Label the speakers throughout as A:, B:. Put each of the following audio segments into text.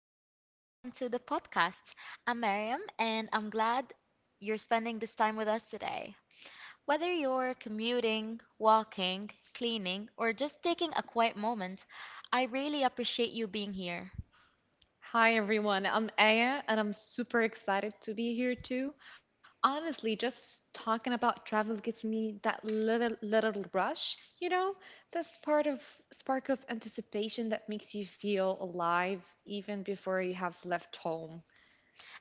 A: and welcome to the podcast. I'm Mariam, and I'm glad you're spending this time with us today. Whether you're commuting, walking, cleaning, or just taking a quiet moment, I really appreciate you being here.
B: Hi everyone, I'm Aya and I'm super excited to be here too. Honestly, just talking about travel gives me that little rush, that part of spark of anticipation that makes you feel alive even before you have left home.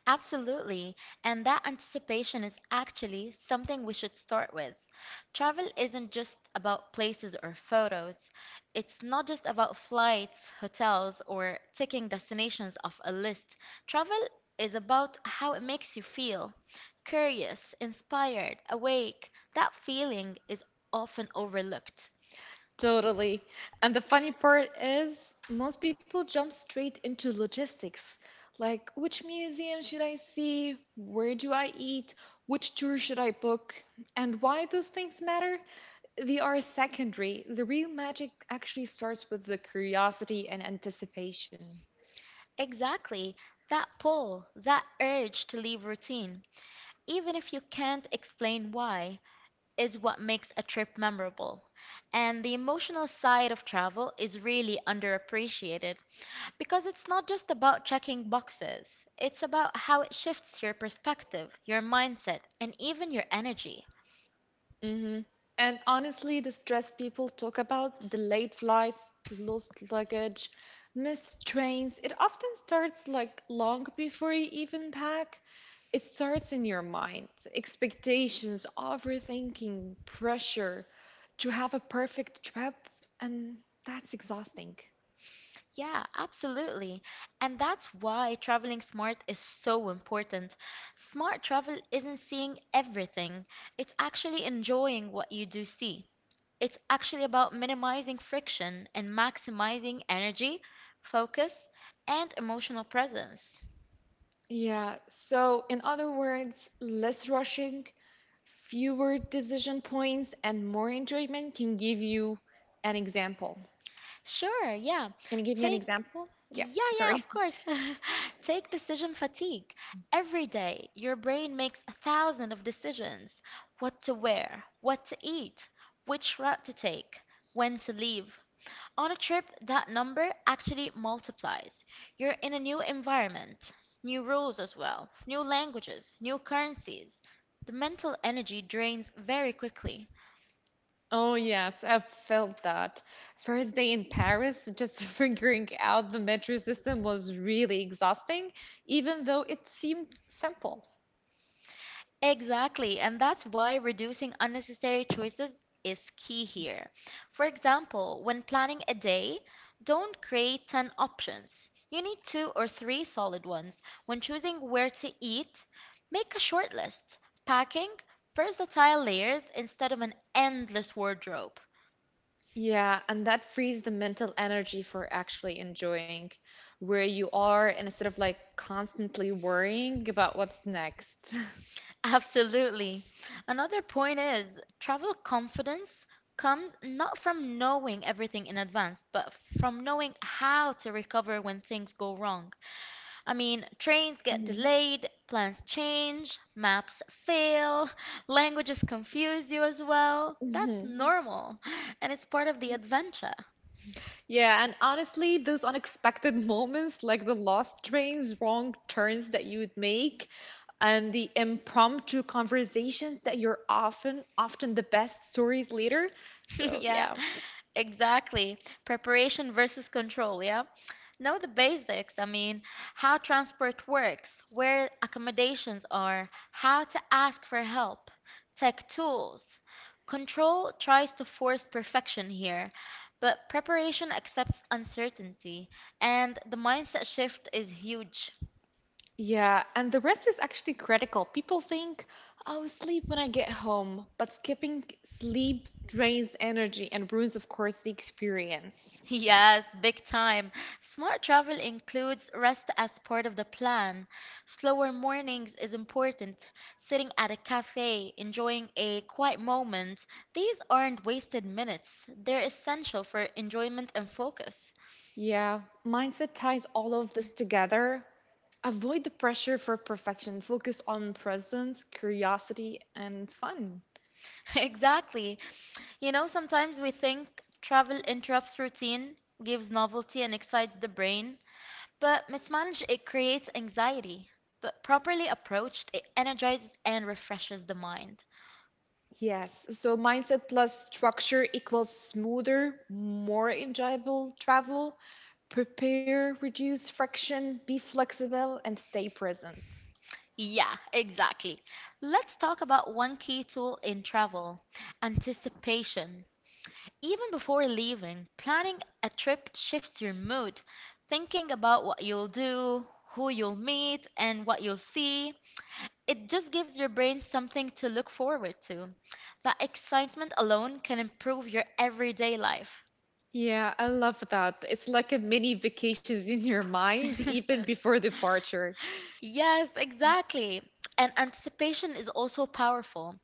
A: Absolutely. And that anticipation is actually something we should start with. Travel isn't just about places or photos. It's not just about flights, hotels, or ticking destinations off a list. Travel is about how it makes you feel curious, inspired, awake. That feeling is often overlooked.
B: Totally. And the funny part is, most people jump straight into logistics. Like, which museum should I see? Where do I eat? Which tour should I book? And why those things matter? They are secondary. The real magic actually starts with the curiosity and anticipation.
A: Exactly. That pull, that urge to leave routine, even if you can't explain why, is what makes a trip memorable. And the emotional side of travel is really underappreciated because it's not just about checking boxes, it's about how it shifts your perspective, your mindset, and even your energy.
B: Hmm. And honestly, the stress people talk about, delayed flights, lost luggage, missed trains, it often starts like long before you even pack. It starts in your mind, expectations, overthinking, pressure to have a perfect trip, and that's exhausting.
A: Yeah, absolutely. And that's why traveling smart is so important. Smart travel isn't seeing everything, it's actually enjoying what you do see. It's actually about minimizing friction and maximizing energy, focus, and emotional presence.
B: Yeah, so in other words, less rushing, fewer decision points and more enjoyment can give you an example.
A: Sure, yeah.
B: Can you give me an
A: Take
B: example? Yeah,
A: Yeah, yeah,
B: sorry.
A: of course. Take decision fatigue. Every day, your brain makes a thousand of decisions. What to wear, what to eat, which route to take, when to leave. On a trip, that number actually multiplies. You're in a new environment, new rules as well, new languages, new currencies. The mental energy drains very quickly.
B: Oh, yes, I felt that. First day in Paris, just figuring out the metro system was really exhausting, even though it seemed simple.
A: Exactly, and that's why reducing unnecessary choices is key here. For example, when planning a day, don't create 10 options. You need two or three solid ones. When choosing where to eat, make a short list. Packing, versatile layers instead of an endless wardrobe.
B: Yeah, and that frees the mental energy for actually enjoying where you are and instead of like constantly worrying about what's next.
A: Absolutely. Another point is travel confidence comes not from knowing everything in advance, but from knowing how to recover when things go wrong. I mean, trains get delayed, plans change, maps fail, languages confuse you as well. That's
B: Mhm.
A: normal, and it's part of the adventure.
B: Yeah, and honestly, those unexpected moments, like the lost trains, wrong turns that you would make, and the impromptu conversations that you're often the best stories later. So,
A: Yeah,
B: yeah.
A: exactly. Preparation versus control, yeah. Know the basics. I mean, how transport works, where accommodations are, how to ask for help, tech tools. Control tries to force perfection here, but preparation accepts uncertainty, and the mindset shift is huge.
B: Yeah, and the rest is actually critical. People think, "I'll sleep when I get home," but skipping sleep drains energy and ruins, of course, the experience.
A: Yes, big time. Smart travel includes rest as part of the plan. Slower mornings is important. Sitting at a cafe, enjoying a quiet moment. These aren't wasted minutes. They're essential for enjoyment and focus.
B: Yeah, mindset ties all of this together. Avoid the pressure for perfection. Focus on presence, curiosity, and fun.
A: Exactly. You know, sometimes we think travel interrupts routine, gives novelty, and excites the brain, but mismanaged, it creates anxiety. But properly approached, it energizes and refreshes the mind.
B: Yes, so mindset plus structure equals smoother, more enjoyable travel. Prepare, reduce friction, be flexible, and stay present.
A: Yeah, exactly. Let's talk about one key tool in travel anticipation. Even before leaving, planning a trip shifts your mood. Thinking about what you'll do, who you'll meet, and what you'll see, it just gives your brain something to look forward to. That excitement alone can improve your everyday life.
B: Yeah, I love that. It's like a mini vacations in your mind even before departure.
A: Yes, exactly. And anticipation is also powerful.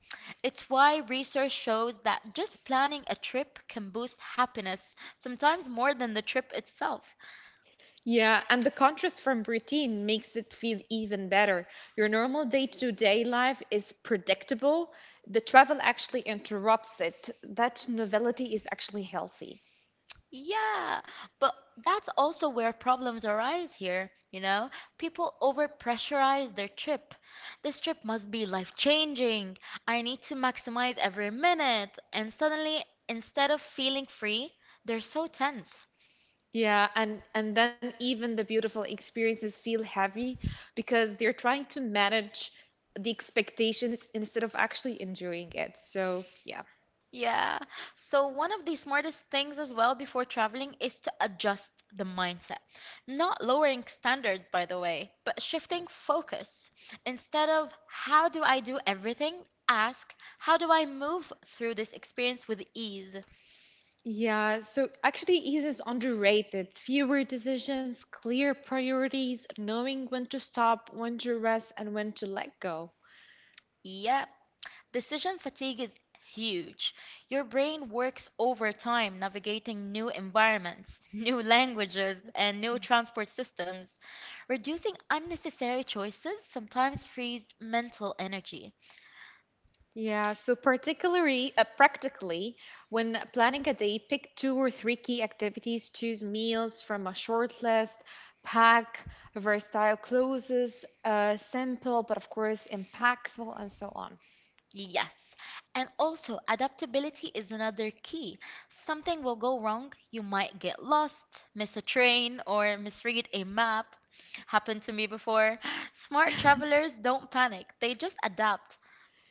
A: It's why research shows that just planning a trip can boost happiness, sometimes more than the trip itself.
B: Yeah, and the contrast from routine makes it feel even better. Your normal day-to-day life is predictable. The travel actually interrupts it. That novelty is actually healthy.
A: Yeah, but that's also where problems arise here, you know? People overpressurize their trip. This trip must be life-changing. I need to maximize every minute. And suddenly, instead of feeling free, they're so tense.
B: Yeah, and then even the beautiful experiences feel heavy because they're trying to manage the expectations instead of actually enjoying it. So, yeah.
A: Yeah. So one of the smartest things as well before traveling is to adjust the mindset. Not lowering standards, by the way, but shifting focus. Instead of how do I do everything, ask how do I move through this experience with ease?
B: Yeah, so actually, ease is underrated. Fewer decisions, clear priorities, knowing when to stop, when to rest, and when to let go.
A: Yep. Decision fatigue is huge. Your brain works overtime navigating new environments, new languages, and new transport systems. Reducing unnecessary choices sometimes frees mental energy.
B: Yeah, so particularly, practically, when planning a day, pick two or three key activities, choose meals from a short list, pack versatile clothes, simple but of course impactful, and so on.
A: Yes. And also, adaptability is another key. Something will go wrong, you might get lost, miss a train, or misread a map happened to me before. Smart travelers don't panic, they just adapt.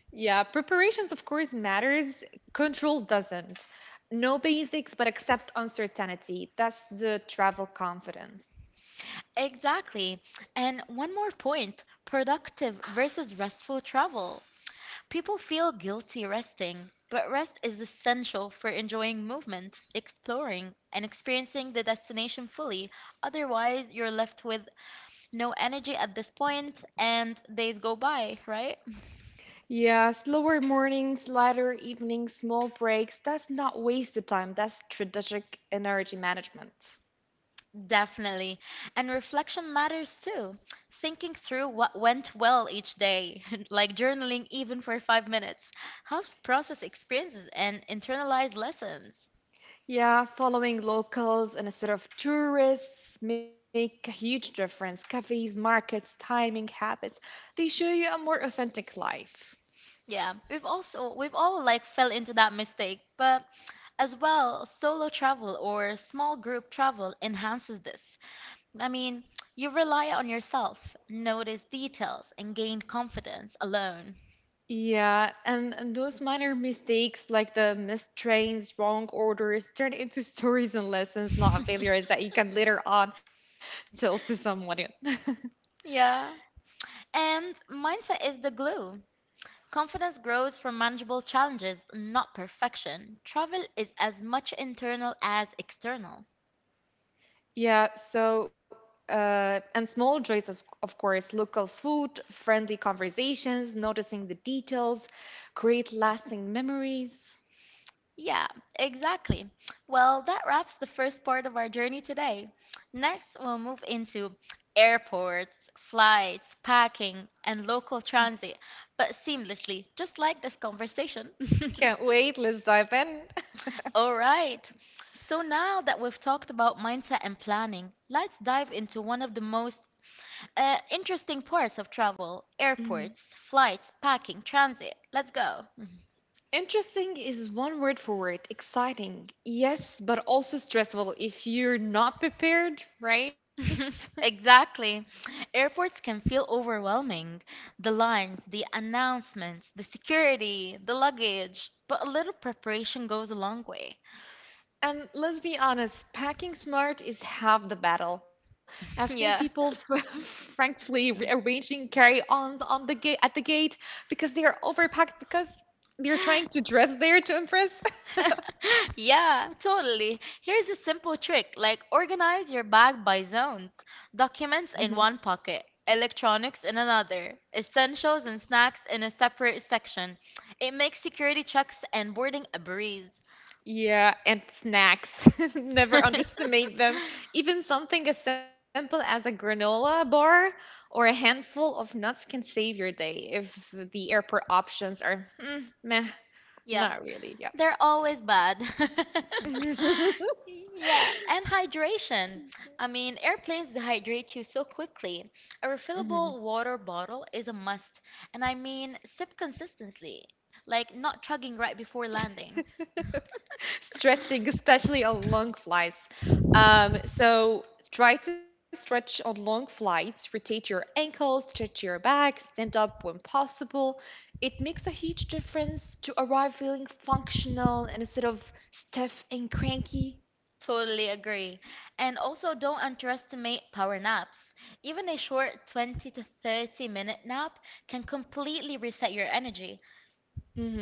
B: Yeah, preparations, of course, matters. Control doesn't. No basics, but accept uncertainty. That's the travel confidence.
A: Exactly. And one more point, productive versus restful travel. People feel guilty resting, but rest is essential for enjoying movement, exploring, and experiencing the destination fully. Otherwise, you're left with no energy at this point and days go by, right?
B: Yeah, slower mornings, lighter evenings, small breaks. That's not wasted time. That's strategic energy management.
A: Definitely. And reflection matters too. Thinking through what went well each day, like journaling even for 5 minutes, helps process experiences and internalize lessons.
B: Yeah, following locals and instead of tourists make a huge difference. Cafes, markets, timing, habits. They show you a more authentic life.
A: Yeah, we've all like fell into that mistake, but as well, solo travel or small group travel enhances this. I mean, you rely on yourself, notice details, and gain confidence alone.
B: Yeah, and those minor mistakes, like the missed trains, wrong orders, turn into stories and lessons, not failures that you can later on tell to someone.
A: Yeah. And mindset is the glue. Confidence grows from manageable challenges, not perfection. Travel is as much internal as external.
B: Yeah, so, and small joys, of course, local food, friendly conversations, noticing the details, create lasting memories.
A: Yeah, exactly. Well, that wraps the first part of our journey today. Next, we'll move into airports, flights, packing, and local transit, but seamlessly, just like this conversation.
B: Can't wait, let's dive in.
A: All right. So now that we've talked about mindset and planning, let's dive into one of the most interesting parts of travel, airports, flights, packing, transit. Let's go.
B: Interesting is one word for it. Exciting. Yes, but also stressful if you're not prepared, right?
A: Exactly. Airports can feel overwhelming. The lines, the announcements, the security, the luggage. But a little preparation goes a long way.
B: And let's be honest, packing smart is half the battle. I've seen people
A: Yeah.
B: frankly rearranging carry-ons on the gate at the gate because they are overpacked because they're trying to dress there to impress.
A: Yeah, totally. Here's a simple trick. Like organize your bag by zones. Documents in one pocket, electronics in another, essentials and snacks in a separate section. It makes security checks and boarding a breeze.
B: Yeah, and snacks. Never underestimate them. Even something as simple as a granola bar or a handful of nuts can save your day if the airport options are meh,
A: Yeah.
B: not really. Yeah.
A: They're always bad. Yeah, and hydration. I mean, airplanes dehydrate you so quickly. A
B: Mhm.
A: refillable water bottle is a must, and I mean, sip consistently, like not chugging right before landing.
B: Stretching, especially on long flights. So try to stretch on long flights, rotate your ankles, stretch your back, stand up when possible. It makes a huge difference to arrive feeling functional and instead of stiff and cranky.
A: Totally agree. And also, don't underestimate power naps. Even a short 20 to 30 minute nap can completely reset your energy.
B: Mm-hmm.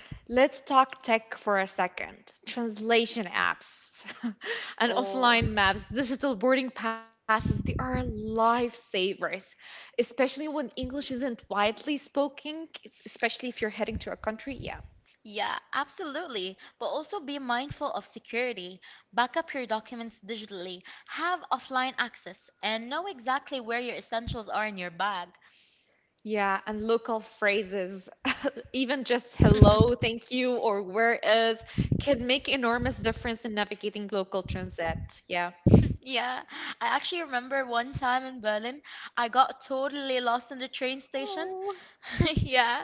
B: Let's talk tech for a second. Translation apps and offline
A: Oh.
B: maps, digital boarding passes, they are lifesavers, especially when English isn't widely spoken, especially if you're heading to a country. Yeah.
A: Yeah, absolutely. But also be mindful of security. Back up your documents digitally, have offline access, and know exactly where your essentials are in your bag.
B: Yeah, and local phrases, even just hello, thank you, or where is, can make enormous difference in navigating local transit. Yeah.
A: Yeah, I actually remember one time in Berlin, I got totally lost in the train station.
B: Oh.
A: Yeah,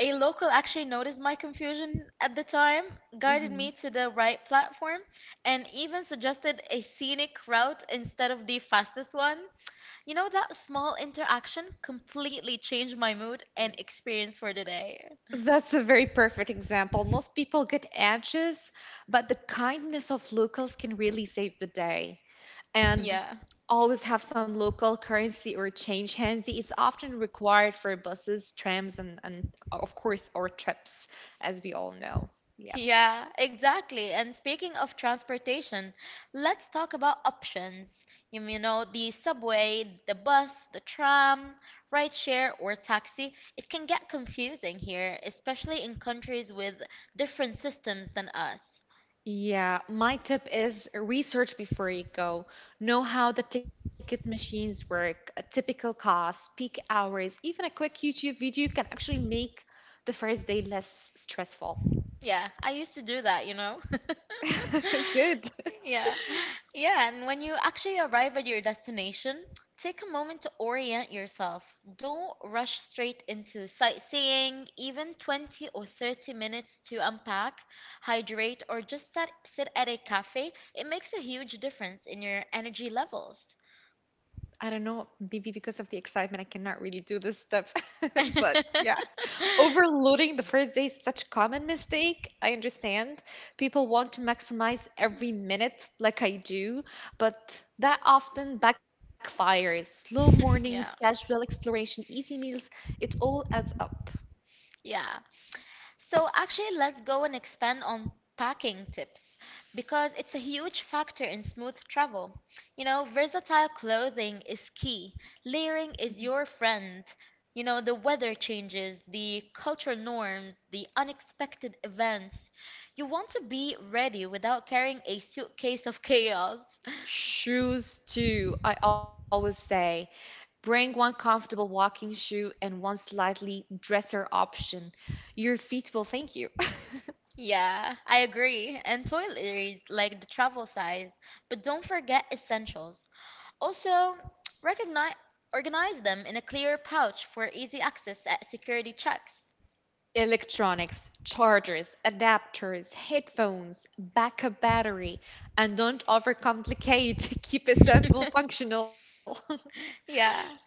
A: a local actually noticed my confusion at the time, guided me
B: Mhm.
A: to the right platform, and even suggested a scenic route instead of the fastest one. You know, that small interaction completely changed my mood and experience for the day.
B: That's a very perfect example. Most people get anxious, but the kindness of locals can really save the day. And
A: Yeah.
B: always have some local currency or change handy. It's often required for buses, trams, and of course, our trips, as we all know. Yeah.
A: Yeah, exactly. And speaking of transportation, let's talk about options. You know, the subway, the bus, the tram, rideshare, or taxi. It can get confusing here, especially in countries with different systems than us.
B: Yeah, my tip is research before you go. Know how the ticket machines work, a typical cost, peak hours, even a quick YouTube video can actually make the first day less stressful.
A: Yeah, I used to do that, you know?
B: Good.
A: Yeah. Yeah, and when you actually arrive at your destination, take a moment to orient yourself. Don't rush straight into sightseeing, even 20 or 30 minutes to unpack, hydrate, or just sit at a cafe. It makes a huge difference in your energy levels.
B: I don't know, maybe because of the excitement, I cannot really do this stuff, but yeah. Overloading the first day is such a common mistake. I understand. People want to maximize every minute like I do, but that often backfires. Slow mornings,
A: Yeah.
B: casual exploration, easy meals, it all adds up.
A: Yeah. So actually, let's go and expand on packing tips because it's a huge factor in smooth travel. You know, versatile clothing is key.
B: Mhm.
A: Layering is your friend. You know, the weather changes, the cultural norms, the unexpected events. You want to be ready without carrying a suitcase of chaos.
B: Shoes too, I always say. Bring one comfortable walking shoe and one slightly dresser option. Your feet will thank you.
A: Yeah, I agree. And toiletries, like the travel size. But don't forget essentials. Also, recognize, organize them in a clear pouch for easy access at security checks.
B: Electronics, chargers, adapters, headphones, backup battery, and don't overcomplicate. Keep it simple, functional.
A: Yeah.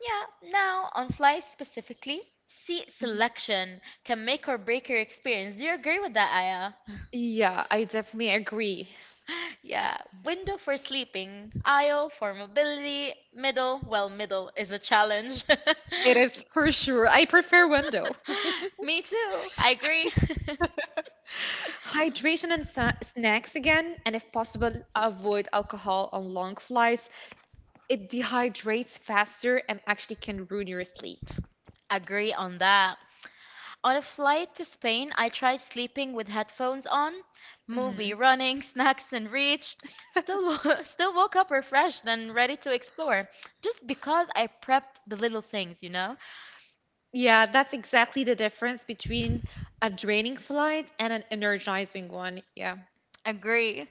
A: Yeah. Now, on flights specifically, seat selection can make or break your experience. Do you agree with that, Aya?
B: Yeah, I definitely agree.
A: Yeah. Window for sleeping, aisle for mobility, middle, well, middle is a challenge.
B: It is for sure. I prefer window.
A: Me too. I agree.
B: Hydration and snacks again, and if possible, avoid alcohol on long flights. It dehydrates faster and actually can ruin your sleep.
A: Agree on that. On a flight to Spain I tried sleeping with headphones on, movie
B: Mm-hmm.
A: running, snacks in reach. Still woke up refreshed and ready to explore, just because I prepped the little things, you know?
B: Yeah, that's exactly the difference between a draining flight and an energizing one. Yeah.
A: Agree.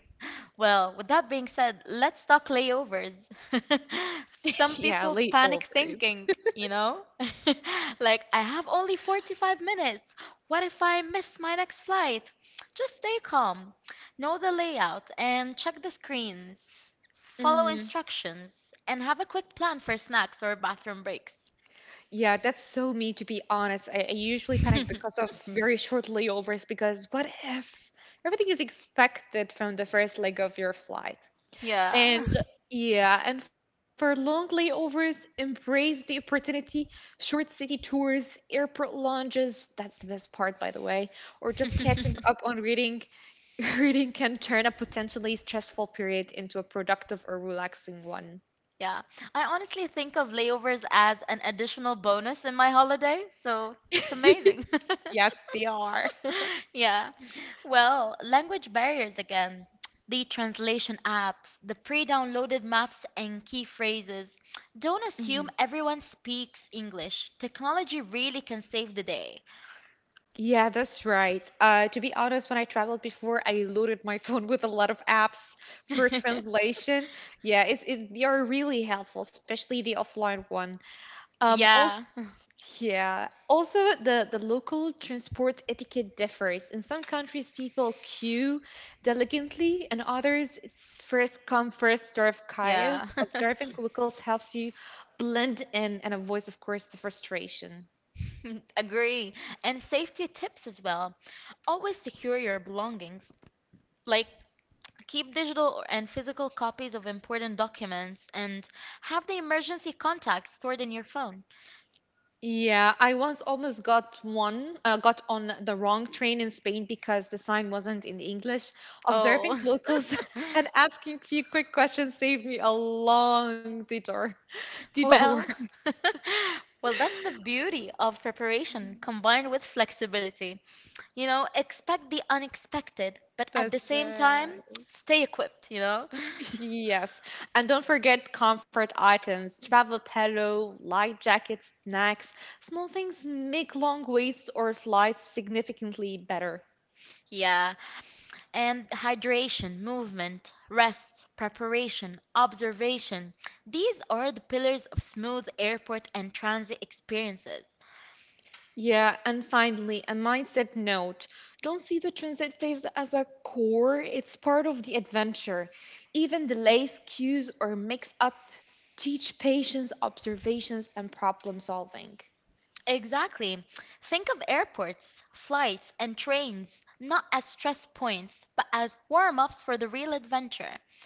A: Well, with that being said, let's talk layovers.
B: Yeah,
A: Some
B: late
A: people panic
B: overs.
A: thinking, you know? Like, I have only 45 minutes. What if I miss my next flight? Just stay calm, know the layout, and check the screens. Follow
B: Mhm.
A: instructions, and have a quick plan for snacks or bathroom breaks.
B: Yeah, that's so me to be honest. I usually panic because of very short layovers because what if everything is expected from the first leg of your flight? And
A: Yeah.
B: yeah, and for long layovers, embrace the opportunity, short city tours, airport lounges, that's the best part by the way, or just catching up on reading. Reading can turn a potentially stressful period into a productive or relaxing one.
A: Yeah, I honestly think of layovers as an additional bonus in my holiday, so it's amazing.
B: Yes, they are.
A: Yeah. Well, language barriers again. The translation apps, the pre-downloaded maps and key phrases. Don't
B: Mhm.
A: assume everyone speaks English. Technology really can save the day.
B: Yeah, that's right. To be honest, when I traveled before, I loaded my phone with a lot of apps for translation. Yeah, they are really helpful, especially the offline one. Um,
A: Yeah.
B: Yeah. Also, the local transport etiquette differs. In some countries, people queue diligently, and others, it's first come, first serve
A: Yeah.
B: kayas. Observing locals helps you blend in and avoid, of course, the frustration.
A: Agree. And safety tips as well. Always secure your belongings. Like keep digital and physical copies of important documents, and have the emergency contacts stored in your phone.
B: Yeah, I once almost got on the wrong train in Spain because the sign wasn't in English. Observing
A: Oh,
B: locals and asking few quick questions saved me a long detour. Detour.
A: well, well, that's the beauty of preparation combined with flexibility. You know, expect the unexpected, but at the
B: That's
A: same time,
B: right.
A: stay equipped, you know?
B: Yes. And don't forget comfort items, travel pillow, light jackets, snacks. Small things make long waits or flights significantly better.
A: Yeah. And hydration, movement, rest, preparation, observation, these are the pillars of smooth airport and transit experiences.
B: Yeah, and finally, a mindset note. Don't see the transit phase as a core, it's part of the adventure. Even delays, queues, or mix up teach patience, observations, and problem solving.
A: Exactly. Think of airports, flights, and trains not as stress points, but as warm ups for the real adventure.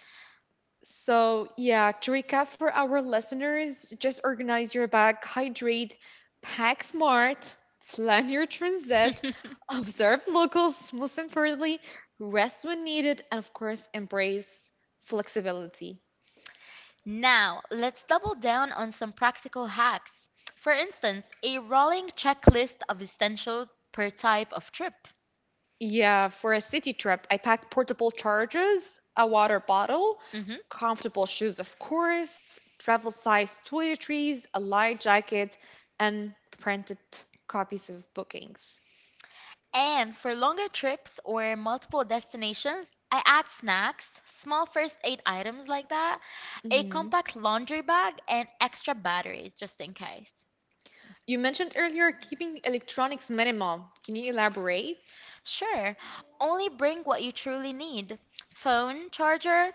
B: So, yeah, to recap for our listeners, just organize your bag, hydrate, pack smart, plan your transit, observe locals, most importantly, rest when needed, and of course, embrace flexibility.
A: Now, let's double down on some practical hacks. For instance, a rolling checklist of essentials per type of trip.
B: Yeah, for a city trip, I packed portable chargers, a water bottle,
A: Mm-hmm.
B: comfortable shoes, of course, travel size toiletries, a light jacket, and printed copies of bookings.
A: And for longer trips or multiple destinations, I add snacks, small first aid items like that, a
B: Mm-hmm.
A: compact laundry bag, and extra batteries just in case.
B: You mentioned earlier keeping electronics minimal. Can you elaborate?
A: Sure, only bring what you truly need phone, charger,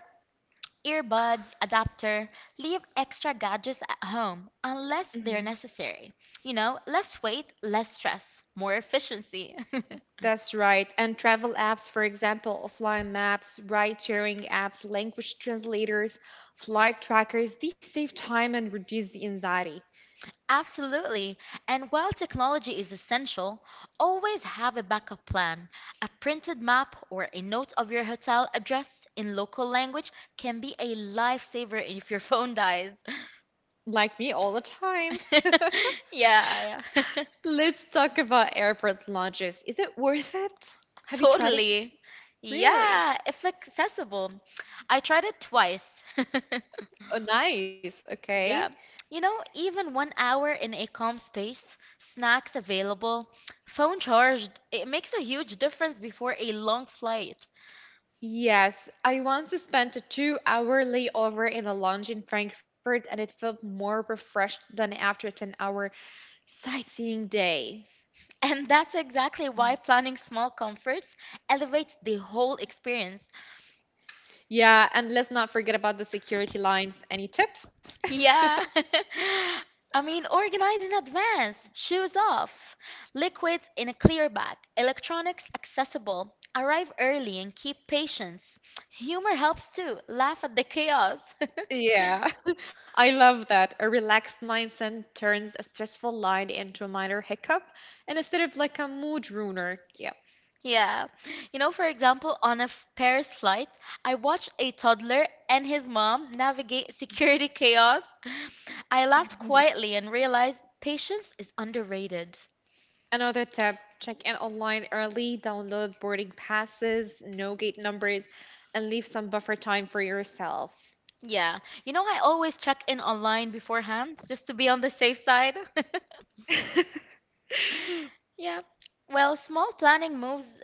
A: earbuds, adapter. Leave extra gadgets at home unless they're
B: Mhm.
A: necessary. You know, less weight, less stress, more efficiency.
B: That's right. And travel apps, for example, offline maps, ride sharing apps, language translators, flight trackers, these save time and reduce the anxiety.
A: Absolutely. And while technology is essential, always have a backup plan. A printed map or a note of your hotel address in local language can be a lifesaver if your phone dies.
B: Like me all the time.
A: Yeah, yeah.
B: Let's talk about airport lounges. Is it worth it? Have you tried it
A: Totally.
B: before? Really?
A: Yeah, if accessible. I tried it twice.
B: Oh, nice. Okay.
A: Yeah. You know, even 1 hour in a calm space, snacks available, phone charged, it makes a huge difference before a long flight.
B: Yes, I once spent a 2-hour layover in a lounge in Frankfurt and it felt more refreshed than after a 10-hour sightseeing day.
A: And that's exactly why planning small comforts elevates the whole experience.
B: Yeah, and let's not forget about the security lines. Any tips?
A: Yeah. I mean, organize in advance, shoes off, liquids in a clear bag, electronics accessible, arrive early and keep patience. Humor helps too, laugh at the chaos.
B: Yeah, I love that. A relaxed mindset turns a stressful line into a minor hiccup and instead of like a mood ruiner. Yep.
A: Yeah. You know, for example, on a Paris flight, I watched a toddler and his mom navigate security chaos. I laughed quietly and realized patience is underrated.
B: Another tip check in online early, download boarding passes, no gate numbers, and leave some buffer time for yourself.
A: Yeah. You know, I always check in online beforehand just to be on the safe side. Yeah. Well, small planning moves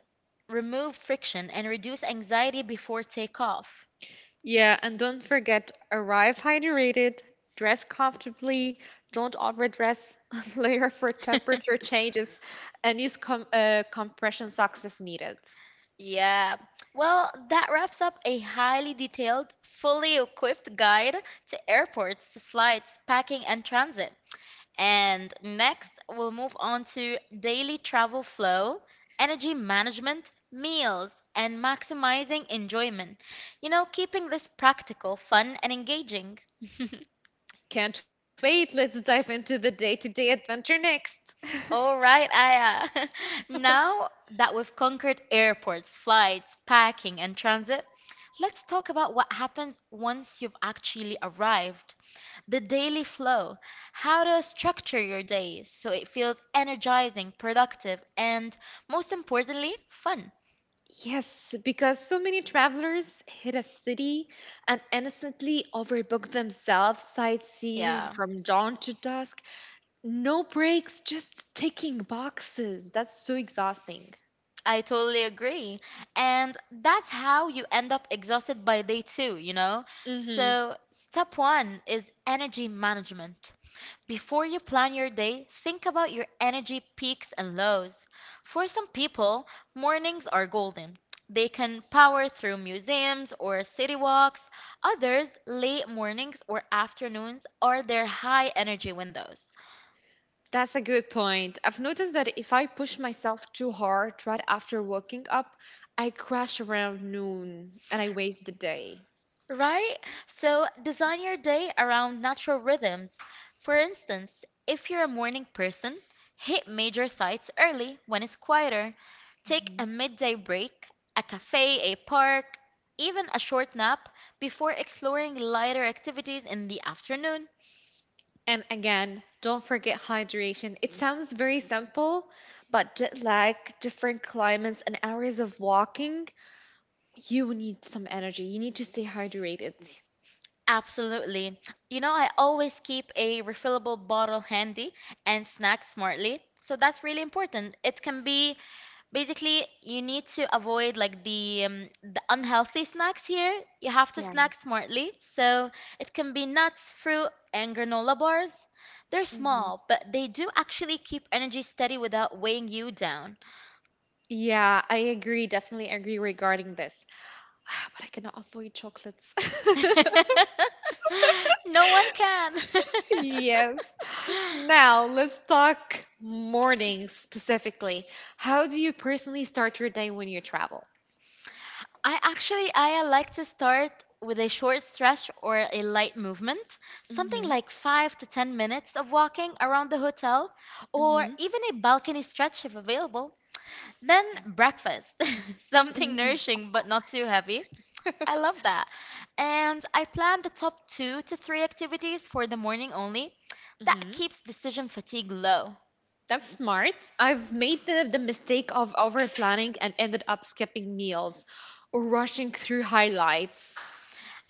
A: remove friction and reduce anxiety before takeoff.
B: Yeah, and don't forget arrive hydrated, dress comfortably, don't overdress, layer for temperature changes, and use compression socks if needed.
A: Yeah. Well, that wraps up a highly detailed, fully equipped guide to airports, flights, packing, and transit. And next, we'll move on to daily travel flow, energy management, meals, and maximizing enjoyment. You know, keeping this practical, fun, and engaging.
B: Can't wait! Let's dive into the day to day adventure next.
A: All right, Aya. Now that we've conquered airports, flights, packing, and transit, let's talk about what happens once you've actually arrived. The daily flow, how to structure your day so it feels energizing, productive, and most importantly, fun.
B: Yes, because so many travelers hit a city and innocently overbook themselves, sightseeing
A: Yeah,
B: from dawn to dusk. No breaks, just ticking boxes. That's so exhausting.
A: I totally agree. And that's how you end up exhausted by day two, you know?
B: Hmm.
A: So, step one is energy management. Before you plan your day, think about your energy peaks and lows. For some people, mornings are golden. They can power through museums or city walks. Others, late mornings or afternoons are their high energy windows.
B: That's a good point. I've noticed that if I push myself too hard right after waking up, I crash around noon and I waste the day.
A: Right? So design your day around natural rhythms. For instance, if you're a morning person, hit major sites early when it's quieter. Take a midday break, a cafe, a park, even a short nap before exploring lighter activities in the afternoon.
B: And again, don't forget hydration. It sounds very simple, but jet lag, different climates, and hours of walking, you need some energy. You need to stay hydrated.
A: Absolutely. You know, I always keep a refillable bottle handy and snack smartly. So that's really important. It can be Basically, you need to avoid like the unhealthy snacks here. You have to
B: Yeah.
A: snack smartly. So it can be nuts, fruit, and granola bars. They're
B: Hmm.
A: small, but they do actually keep energy steady without weighing you down.
B: Yeah, I agree. Definitely agree regarding this. But I cannot avoid chocolates.
A: No one can.
B: Yes. Now let's talk mornings specifically. How do you personally start your day when you travel?
A: I like to start with a short stretch or a light movement, something
B: Mm-hmm.
A: like 5 to 10 minutes of walking around the hotel or
B: Mm-hmm.
A: even a balcony stretch if available. Then
B: Yeah.
A: breakfast, something
B: Hmm.
A: nourishing
B: Of
A: but not
B: course.
A: too heavy. I love that. And I plan the top 2 to 3 activities for the morning only. That keeps decision fatigue low.
B: That's smart. I've made the mistake of over planning and ended up skipping meals or rushing through highlights.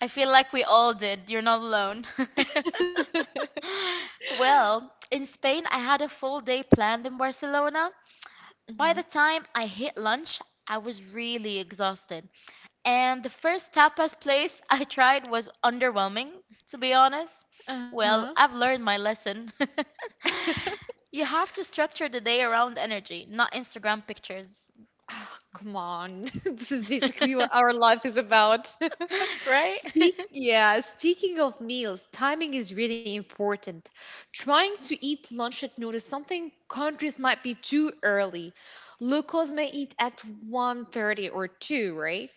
A: I feel like we all did. You're not alone. Well, in Spain I had a full day planned in Barcelona. By the
B: Hmm.
A: time I hit lunch, I was really exhausted. And the first tapas place I tried was underwhelming, to be honest.
B: Uh-huh.
A: Well, I've learned my lesson. You have to structure the day around energy, not Instagram pictures.
B: Ah, come on. This is basically what our life is about.
A: Right?
B: Yeah, speaking of meals, timing is really important. Trying to eat lunch at noon is something countries might be too early. Locals may eat at 1:30 or 2, right?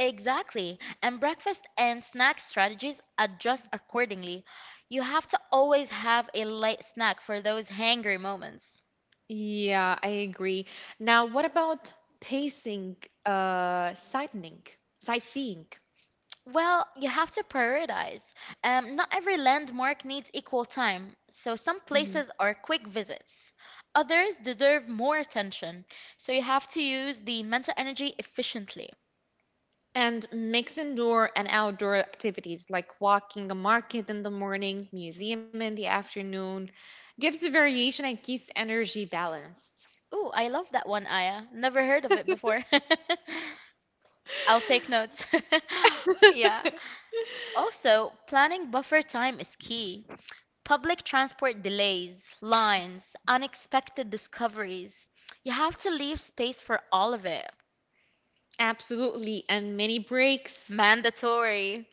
A: Exactly. And breakfast and snack strategies adjust accordingly. You have to always have a light snack for those hangry moments.
B: Yeah, I agree. Now, what about pacing, uh, sightening, sightseeing.
A: Well, you have to prioritize. Not every landmark needs equal time, so some
B: Mhm.
A: places are quick visits. Others deserve more attention, so you have to use the mental energy efficiently.
B: And mix indoor and outdoor activities like walking a market in the morning, museum in the afternoon, gives a variation and keeps energy balanced.
A: Ooh, I love that one, Aya. Never heard of it before. I'll take notes. Yeah. Also, planning buffer time is key. Public transport delays, lines, unexpected discoveries. You have to leave space for all of it.
B: Absolutely, and many breaks.
A: Mandatory.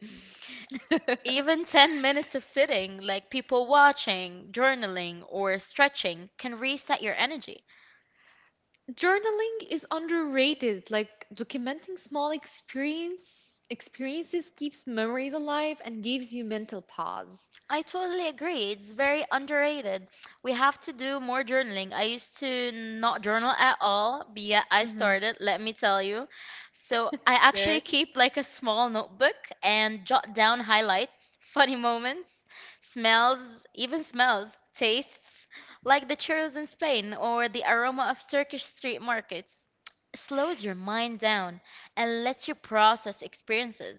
A: Even 10 minutes of sitting, like people watching, journaling, or stretching, can reset your energy.
B: Journaling is underrated. Like documenting small experiences keeps memories alive and gives you mental pause.
A: I totally agree. It's very underrated. We have to do more journaling. I used to not journal at all, but yeah, I
B: Hmm.
A: started, let me tell you. So I actually
B: Good.
A: keep like a small notebook and jot down highlights, funny moments, smells, even smells, tastes, like the churros in Spain or the aroma of Turkish street markets. It slows your mind down and lets you process experiences.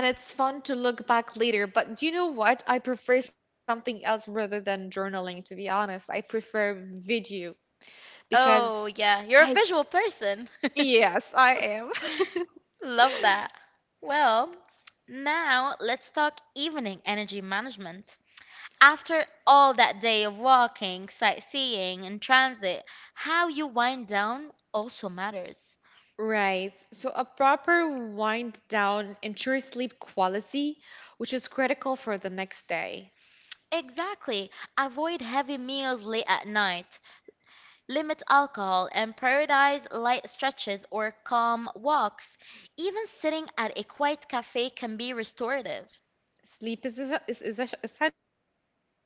B: And it's fun to look back later. But do you know what? I prefer something else rather than journaling, to be honest. I prefer video because
A: Oh, yeah, you're
B: I—
A: a visual person.
B: Yes, I am.
A: Love that. Well, now let's talk evening energy management. After all that day of walking, sightseeing, and transit, how you wind down also matters.
B: Right. So a proper wind down ensures sleep quality, which is critical for the next day.
A: Exactly. Avoid heavy meals late at night. Limit alcohol and prioritize light stretches or calm walks. Even sitting at a quiet cafe can be restorative.
B: Sleep is essential.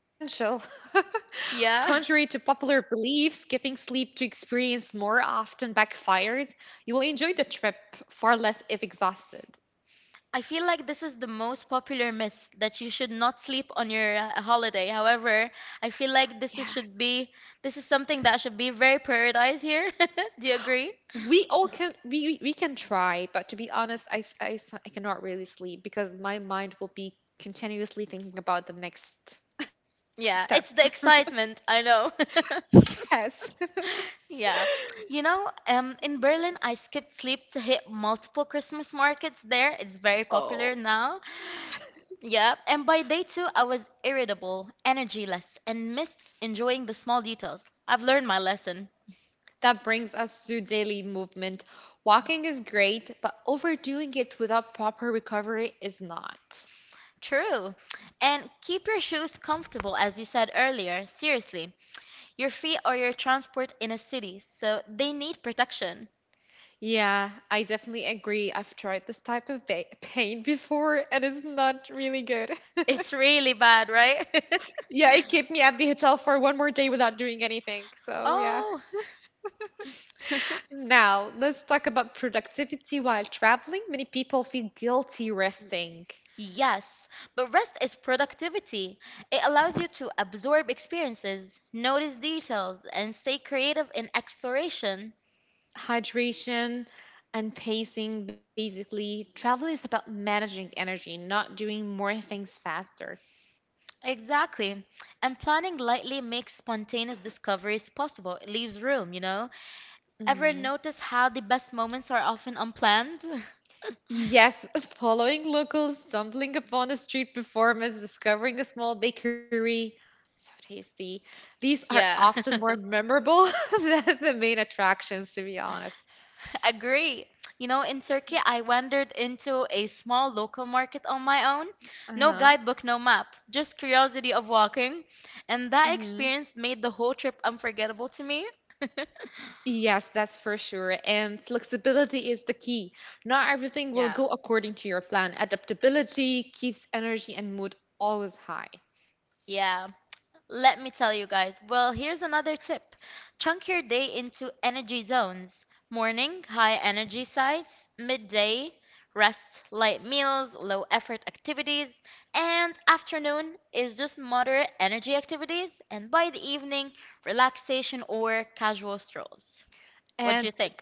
B: Contrary to popular
A: Yeah.
B: belief, skipping sleep to experience more often backfires. You will enjoy the trip far less if exhausted.
A: I feel like this is the most popular myth that you should not sleep on your holiday. However, I feel
B: Yeah,
A: like this is something that should be very prioritized here. Do you agree?
B: we all can we can try, but to be honest, I f- I s- I cannot really sleep because my mind will be continuously thinking about the next
A: Yeah,
B: step.
A: it's the excitement, I know.
B: Yes.
A: Yeah. You know, in Berlin, I skipped sleep to hit multiple Christmas markets there. It's very popular
B: Oh.
A: now. Yeah, and by day two, I was irritable, energy less, and missed enjoying the small details. I've learned my lesson.
B: That brings us to daily movement. Walking is great, but overdoing it without proper recovery is not.
A: True. And keep your shoes comfortable, as you said earlier. Seriously, your feet are your transport in a city, so they need protection.
B: Yeah, I definitely agree. I've tried this type of pain before and it's not really good.
A: It's really bad, right?
B: Yeah, it kept me at the hotel for one more day without doing anything. So, yeah.
A: Oh,
B: Now, let's talk about productivity while traveling. Many people feel guilty resting.
A: yes. But rest is productivity. It allows you to absorb experiences, notice details, and stay creative in exploration.
B: Hydration and pacing, basically travel is about managing energy, not doing more things faster.
A: Exactly. And planning lightly makes spontaneous discoveries possible. It leaves room, you know? Ever
B: Hmm.
A: notice how the best moments are often unplanned?
B: Yes. Following locals, stumbling upon a street performance, discovering a small bakery, so tasty, these are
A: Yeah.
B: often more memorable than the main attractions, to be honest.
A: Agree. You know, in Turkey, I wandered into a small local market on my own. No
B: Uh-huh.
A: guidebook, no map, just curiosity of walking. And that experience made the whole trip unforgettable to me.
B: Yes, that's for sure. And flexibility is the key. Not everything will
A: Yeah.
B: go according to your plan. Adaptability keeps energy and mood always high.
A: Yeah. Let me tell you guys. Well, here's another tip. Chunk your day into energy zones. Morning, high energy sites, midday, rest, light meals, low effort activities, and afternoon is just moderate energy activities, and by the evening, relaxation or casual strolls. What do
B: And
A: you think?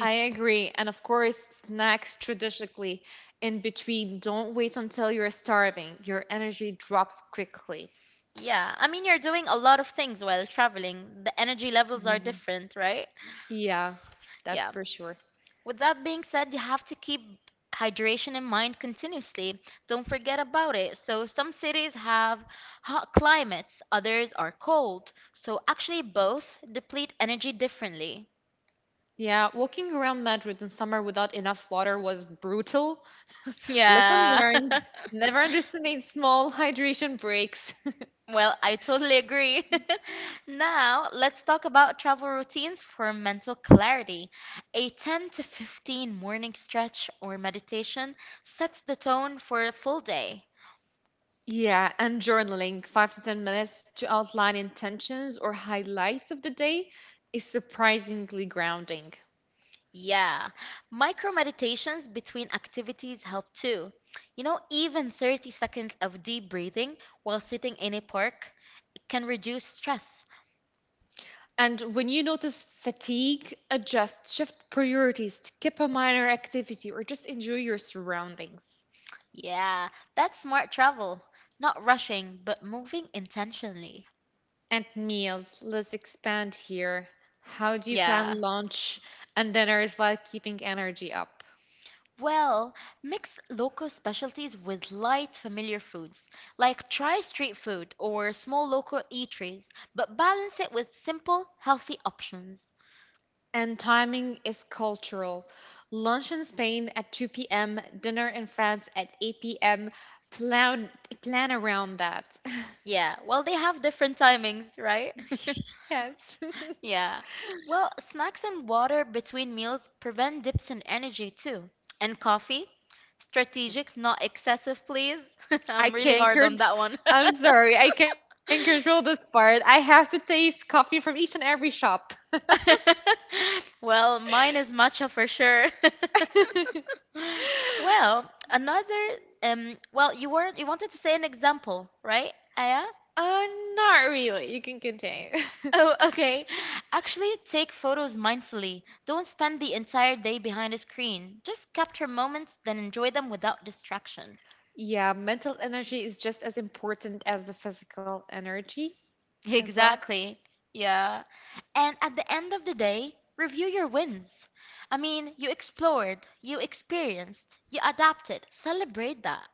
B: I agree. And of course, snacks strategically in between. Don't wait until you're starving. Your energy drops quickly.
A: Yeah, I mean, you're doing a lot of things while traveling. The energy levels are
B: Yeah.
A: different, right?
B: Yeah,
A: Yeah.
B: that's for sure.
A: With that being said, you have to keep hydration in mind continuously. Don't forget about it. So, some cities have hot climates, others are cold. So, actually, both deplete energy differently.
B: Yeah, walking around Madrid in summer without enough water was brutal. Lesson
A: Yeah.
B: learned. Never underestimate small hydration breaks.
A: Well, I totally agree. Now, let's talk about travel routines for mental clarity. A 10 to 15 morning stretch or meditation sets the tone for a full day.
B: Yeah, and journaling 5 to 10 minutes to outline intentions or highlights of the day is surprisingly grounding.
A: Yeah, micro meditations between activities help too. You know, even 30 seconds of deep breathing while sitting in a park can reduce stress.
B: And when you notice fatigue, adjust, shift priorities, skip a minor activity, or just enjoy your surroundings.
A: Yeah, that's smart travel. Not rushing, but moving intentionally.
B: And meals, let's expand here. How do you plan
A: Yeah.
B: lunch and dinners while keeping energy up?
A: Well, mix local specialties with light, familiar foods. Like try street food or small local eateries, but balance it with simple, healthy options.
B: And timing is cultural. Lunch in Spain at 2 p.m., dinner in France at 8 p.m. Plan plan around that.
A: Yeah, well, they have different timings, right?
B: Yes.
A: Yeah. Well, snacks and water between meals prevent dips in energy too. And coffee, strategic, not excessive, please.
B: I
A: I'm really
B: can't
A: hard on
B: con-
A: that one.
B: I'm sorry, I can't control this part. I have to taste coffee from each and every shop.
A: Well, mine is matcha for sure. Well, another well, you weren't you wanted to say an example, right, Aya?
B: Uh, Not really. You can continue.
A: Oh, okay. Actually, take photos mindfully. Don't spend the entire day behind a screen. Just capture moments, then enjoy them without distraction.
B: Yeah, mental energy is just as important as the physical energy as well.
A: Exactly. Yeah. And at the end of the day, review your wins. I mean, you explored, you experienced, you adapted. Celebrate that.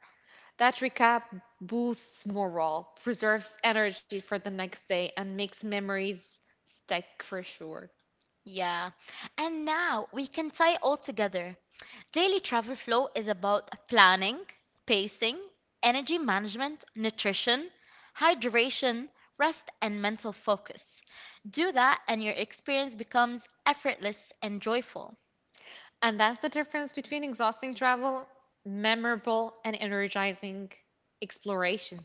B: That recap boosts morale, preserves energy for the next day, and makes memories stick for sure.
A: Yeah. And now we can tie it all together. Daily travel flow is about planning, pacing, energy management, nutrition, hydration, rest, and mental focus. Do that, and your experience becomes effortless and joyful.
B: And that's the difference between exhausting travel, memorable, and energizing exploration.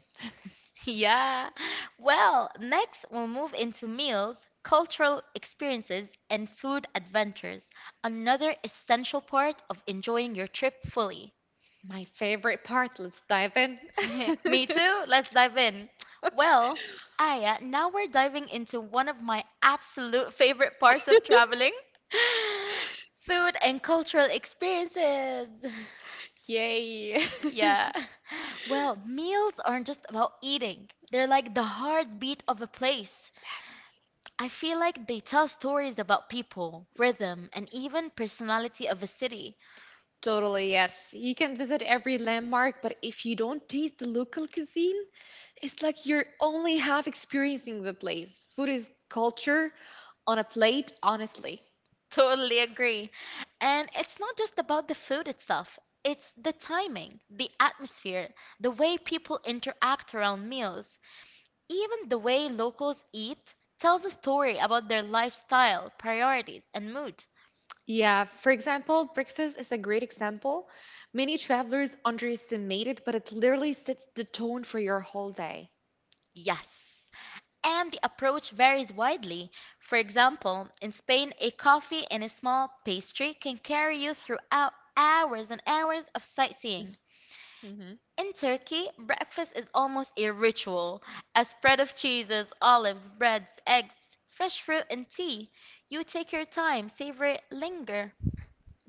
A: Yeah. Well, next we'll move into meals, cultural experiences, and food adventures, another essential part of enjoying your trip fully.
B: My favorite part, let's dive in.
A: Me too. Let's dive in. Well, Aya, now we're diving into one of my absolute favorite parts of traveling food and cultural experiences.
B: Yay! Yes.
A: Yeah. Well, meals aren't just about eating, they're like the heartbeat of a place. I feel like they tell stories about people, rhythm, and even personality of a city.
B: Totally, yes. You can visit every landmark, but if you don't taste the local cuisine, it's like you're only half experiencing the place. Food is culture on a plate, honestly.
A: Totally agree. And it's not just about the food itself, it's the timing, the atmosphere, the way people interact around meals. Even the way locals eat tells a story about their lifestyle, priorities, and mood.
B: Yeah, for example, breakfast is a great example. Many travelers underestimate it, but it literally sets the tone for your whole day.
A: Yes. And the approach varies widely. For example, in Spain, a coffee and a small pastry can carry you throughout hours and hours of sightseeing.
B: Mm-hmm.
A: In Turkey, breakfast is almost a ritual. A spread of cheeses, olives, breads, eggs, fresh fruit, and tea. You take your time, savor it, linger.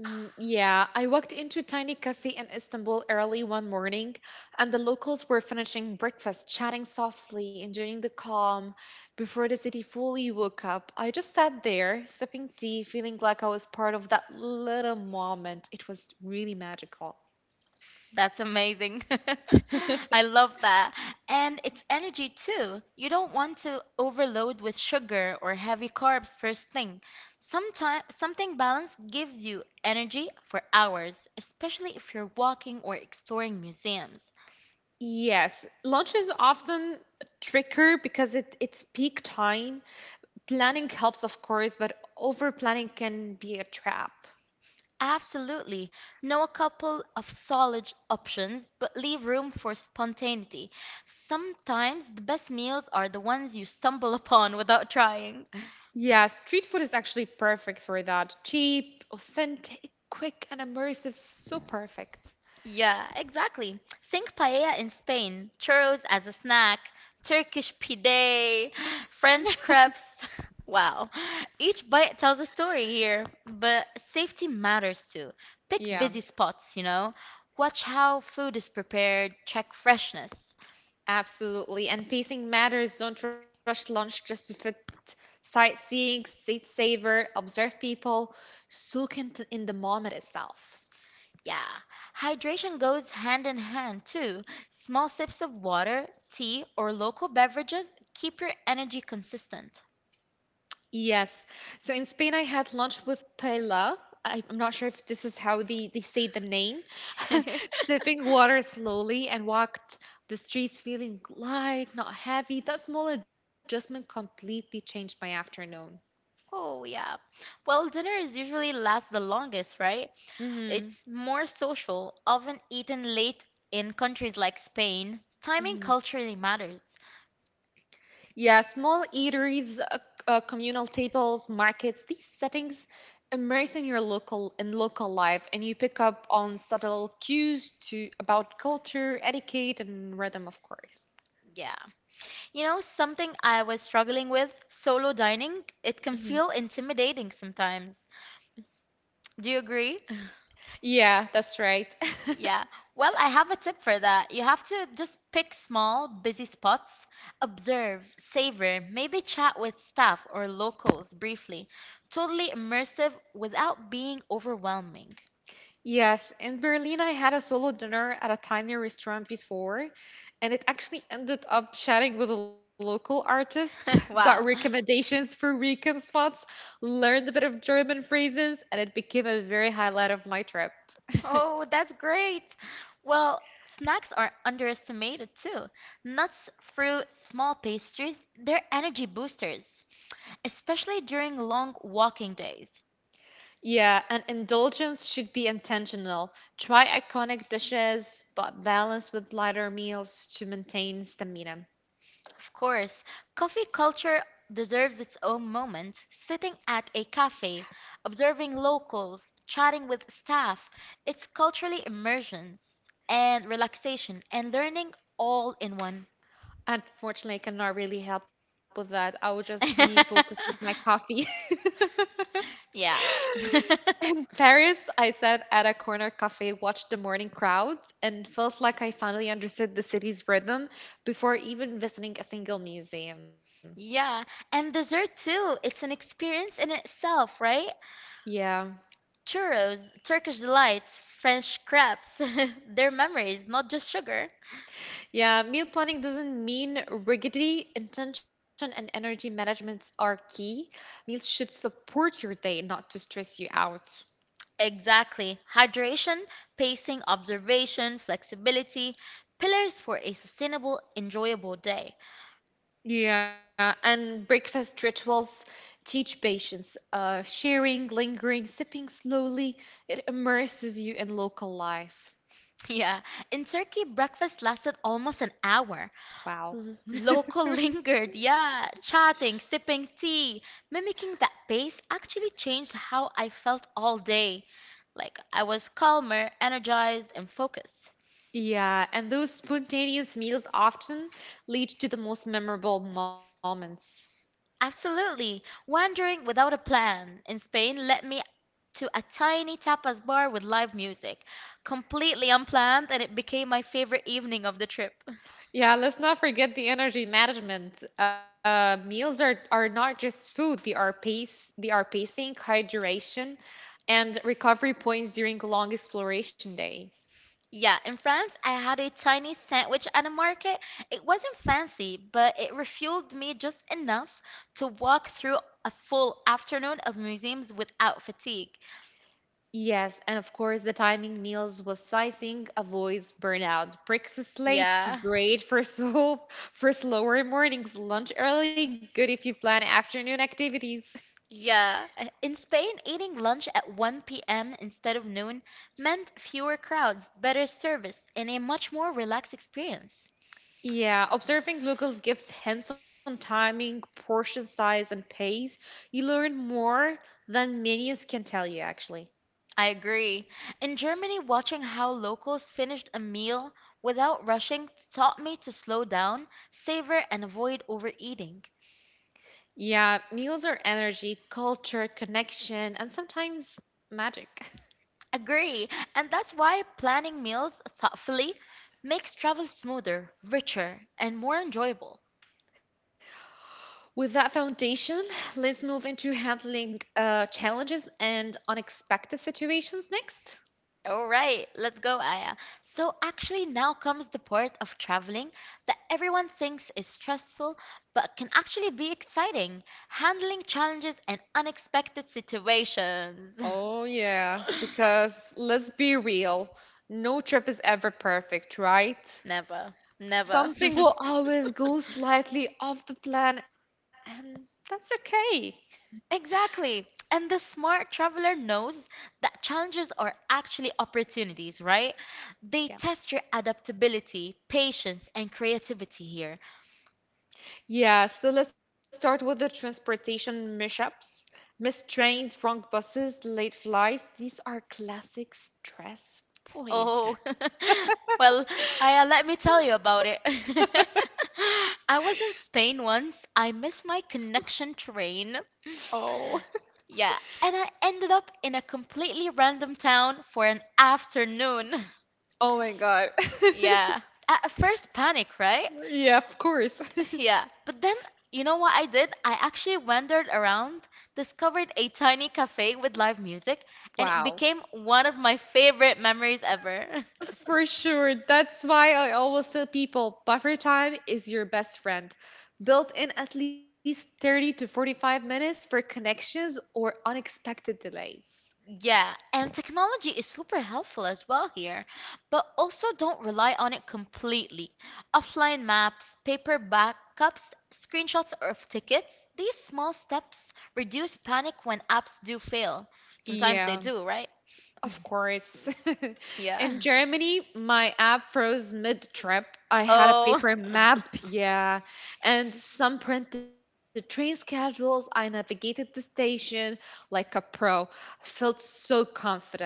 B: Mm, yeah, I walked into a tiny cafe in Istanbul early one morning, and the locals were finishing breakfast, chatting softly, enjoying the calm before the city fully woke up. I just sat there, sipping tea, feeling like I was part of that little moment. It was really magical.
A: That's amazing. I love that. And it's energy too. You don't want to overload with sugar or heavy carbs first thing. Sometime, something balanced gives you energy for hours, especially if you're walking or exploring museums.
B: Yes, lunch is often trickier because it's peak time. Planning helps, of course, but over planning can be a trap.
A: Absolutely. Know a couple of solid options, but leave room for spontaneity. Sometimes the best meals are the ones you stumble upon without trying.
B: Yeah, street food is actually perfect for that. Cheap, authentic, quick, and immersive. So perfect.
A: Yeah, exactly. Think paella in Spain, churros as a snack, Turkish pide, French crepes. Wow. Each bite tells a story here, but safety matters too. Pick
B: Yeah,
A: busy spots, you know. Watch how food is prepared, check freshness.
B: absolutely. And pacing matters. Don't rush lunch just to fit sightseeing, seat saver, observe people, soak in the moment itself.
A: Yeah, hydration goes hand in hand too. Small sips of water, tea, or local beverages keep your energy consistent.
B: Yes. So in Spain, I had lunch with paella. I'm not sure if this is how they say the name. Sipping water slowly and walked the streets feeling light, not heavy. That small adjustment completely changed my afternoon.
A: Oh, yeah. Well, dinners usually last the longest, right? It's
B: Mm-hmm.
A: more social, often eaten late in countries like Spain. Timing
B: Mm-hmm.
A: culturally matters.
B: Yeah, small eateries, communal tables, markets, these settings immerse in local life and you pick up on subtle cues to about culture, etiquette and rhythm of course.
A: Yeah. You know, something I was struggling with, solo dining, it can
B: Mhm.
A: feel intimidating sometimes. Do you agree?
B: Yeah, that's right.
A: Yeah. Well, I have a tip for that. You have to just pick small, busy spots, observe, savor, maybe chat with staff or locals briefly. Totally immersive without being overwhelming.
B: Yes, in Berlin, I had a solo dinner at a tiny restaurant before, and it actually ended up chatting with a local artist, got
A: Wow.
B: recommendations for weekend spots, learned a bit of German phrases, and it became a very highlight of my trip.
A: Oh, that's great. Well, snacks are underestimated too. Nuts, fruit, small pastries, they're energy boosters, especially during long walking days.
B: Yeah, an indulgence should be intentional. Try iconic dishes, but balance with lighter meals to maintain stamina.
A: Of course, coffee culture deserves its own moment. Sitting at a cafe, observing locals, chatting with staff, it's culturally immersion and relaxation and learning all in one.
B: Unfortunately, I cannot really help with that. I will just be focused with my coffee.
A: Yeah.
B: In Paris, I sat at a corner cafe, watched the morning crowds, and felt like I finally understood the city's rhythm before even visiting a single museum.
A: Yeah, and dessert too. It's an experience in itself, right?
B: Yeah.
A: Churros, Turkish delights, French crepes. They're memories, not just sugar.
B: Yeah, meal planning doesn't mean rigidity. Intention and energy management are key. Meals should support your day, not to stress you out.
A: Exactly. Hydration, pacing, observation, flexibility, pillars for a sustainable, enjoyable day.
B: Yeah, and breakfast rituals teach patience. Sharing, lingering, sipping slowly, it immerses you in local life.
A: Yeah. In Turkey, breakfast lasted almost an hour.
B: Wow.
A: L- local lingered, yeah. Chatting, sipping tea, mimicking that pace actually changed how I felt all day. Like, I was calmer, energized, and focused.
B: Yeah, and those spontaneous meals often lead to the most memorable moments.
A: Absolutely. Wandering without a plan in Spain led me to a tiny tapas bar with live music. Completely unplanned, and it became my favorite evening of the trip.
B: Yeah, let's not forget the energy management. Meals are not just food, they are pacing, hydration, and recovery points during long exploration days.
A: Yeah, in France, I had a tiny sandwich at a market. It wasn't fancy, but it refueled me just enough to walk through a full afternoon of museums without fatigue.
B: Yes, and of course, the timing meals with sizing avoids burnout. Breakfast late,
A: Yeah.
B: great for soup, for slower mornings. Lunch early, good if you plan afternoon activities.
A: Yeah. In Spain, eating lunch at 1 p.m. instead of noon meant fewer crowds, better service, and a much more relaxed experience.
B: Yeah, observing locals gives hints on timing, portion size, and pace. You learn more than menus can tell you, actually.
A: I agree. In Germany, watching how locals finished a meal without rushing taught me to slow down, savor, and avoid overeating.
B: Yeah, meals are energy, culture, connection, and sometimes magic.
A: Agree. And that's why planning meals thoughtfully makes travel smoother, richer, and more enjoyable.
B: With that foundation, let's move into handling challenges and unexpected situations next.
A: All right, let's go, Aya. So, actually, now comes the part of traveling that everyone thinks is stressful, but can actually be exciting handling challenges and unexpected situations.
B: Oh, yeah, because let's be real, no trip is ever perfect, right?
A: Never, never.
B: Something will always go slightly off the plan, and that's okay.
A: Exactly. And the smart traveler knows that challenges are actually opportunities, right? They
B: Yeah.
A: test your adaptability, patience, and creativity here.
B: Yeah, so let's start with the transportation mishaps. Missed trains, wrong buses, late flights. These are classic stress points.
A: Oh, well, I, let me tell you about it. I was in Spain once. I missed my connection train.
B: Oh.
A: Yeah, and I ended up in a completely random town for an afternoon.
B: Oh my god.
A: Yeah, at first panic, right?
B: Yeah, of course.
A: Yeah, but then you know what I did? I actually wandered around, discovered a tiny cafe with live music, and it
B: Wow.
A: became one of my favorite memories ever.
B: For sure. That's why I always tell people buffer time is your best friend. Built in at least 30 to 45 minutes for connections or unexpected delays.
A: Yeah, and technology is super helpful as well here, but also don't rely on it completely. Offline maps, paper backups, screenshots of tickets, these small steps reduce panic when apps do fail. Sometimes they
B: Yeah.
A: do, right?
B: Of course. In
A: Yeah.
B: Germany, my app froze mid-trip. I had a
A: Oh,
B: paper map, yeah, and some printed train schedules. I navigated the station like a pro. Felt so confident.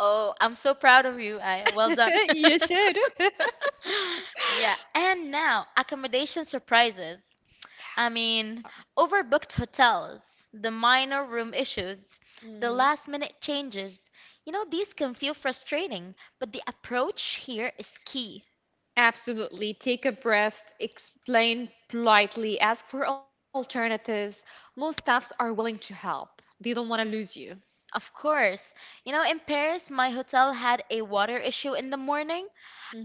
A: oh, I'm so proud of you, Aya. Well done.
B: You should.
A: Yeah, and now accommodation surprises. I mean, overbooked hotels, the minor room issues, the
B: Mhm.
A: last minute changes. You know, these can feel frustrating, but the approach here is key.
B: Absolutely. Take a breath, explain politely, ask for alternatives. Most staffs are willing to help. They don't want to lose you.
A: Of course, you know, in Paris, my hotel had a water issue in the morning,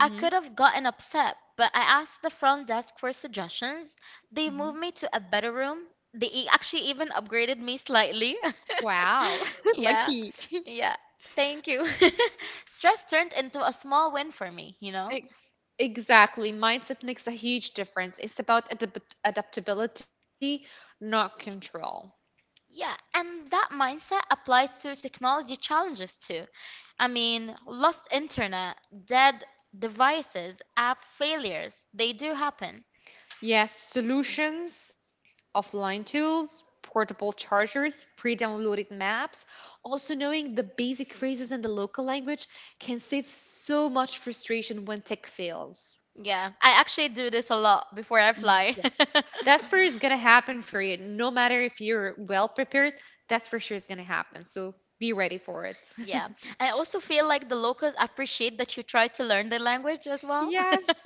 A: I could have gotten upset, but I asked the front desk for suggestions. They
B: Hmm.
A: moved me to a better room. They e- actually even upgraded me slightly.
B: Wow.
A: Yeah.
B: Lucky.
A: Yeah. Thank you. Stress turned into a small win for me, you know?
B: E- Exactly. Mindset makes a huge difference. It's about adaptability, not control.
A: Yeah, and that mindset applies to technology challenges too. I mean, lost internet, dead devices, app failures, they do happen.
B: Yes, solutions, offline tools, portable chargers, pre downloaded maps. Also, knowing the basic phrases in the local language can save so much frustration when tech fails.
A: Yeah, I actually do this a lot before I fly.
B: Yes, that's for sure is going to happen for you. No matter if you're well prepared, that's for sure is going to happen. So be ready for it.
A: Yeah. I also feel like the locals appreciate that you try to learn the language as well.
B: Yes.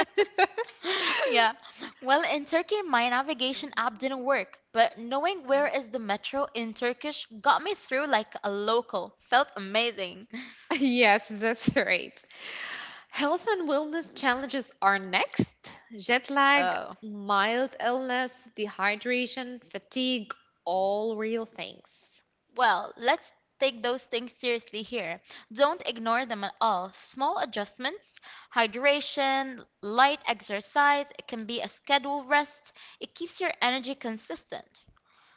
A: Yeah. Well, in Turkey, my navigation app didn't work, but knowing where is the metro in Turkish got me through like a local. Felt amazing.
B: Yes, that's right. Health and wellness challenges are next: jet lag,
A: Oh.
B: mild illness, dehydration, fatigue, all real things.
A: Well, let's take those things seriously here. Don't ignore them at all. Small adjustments, hydration, light exercise, it can be a scheduled rest. It keeps your energy consistent.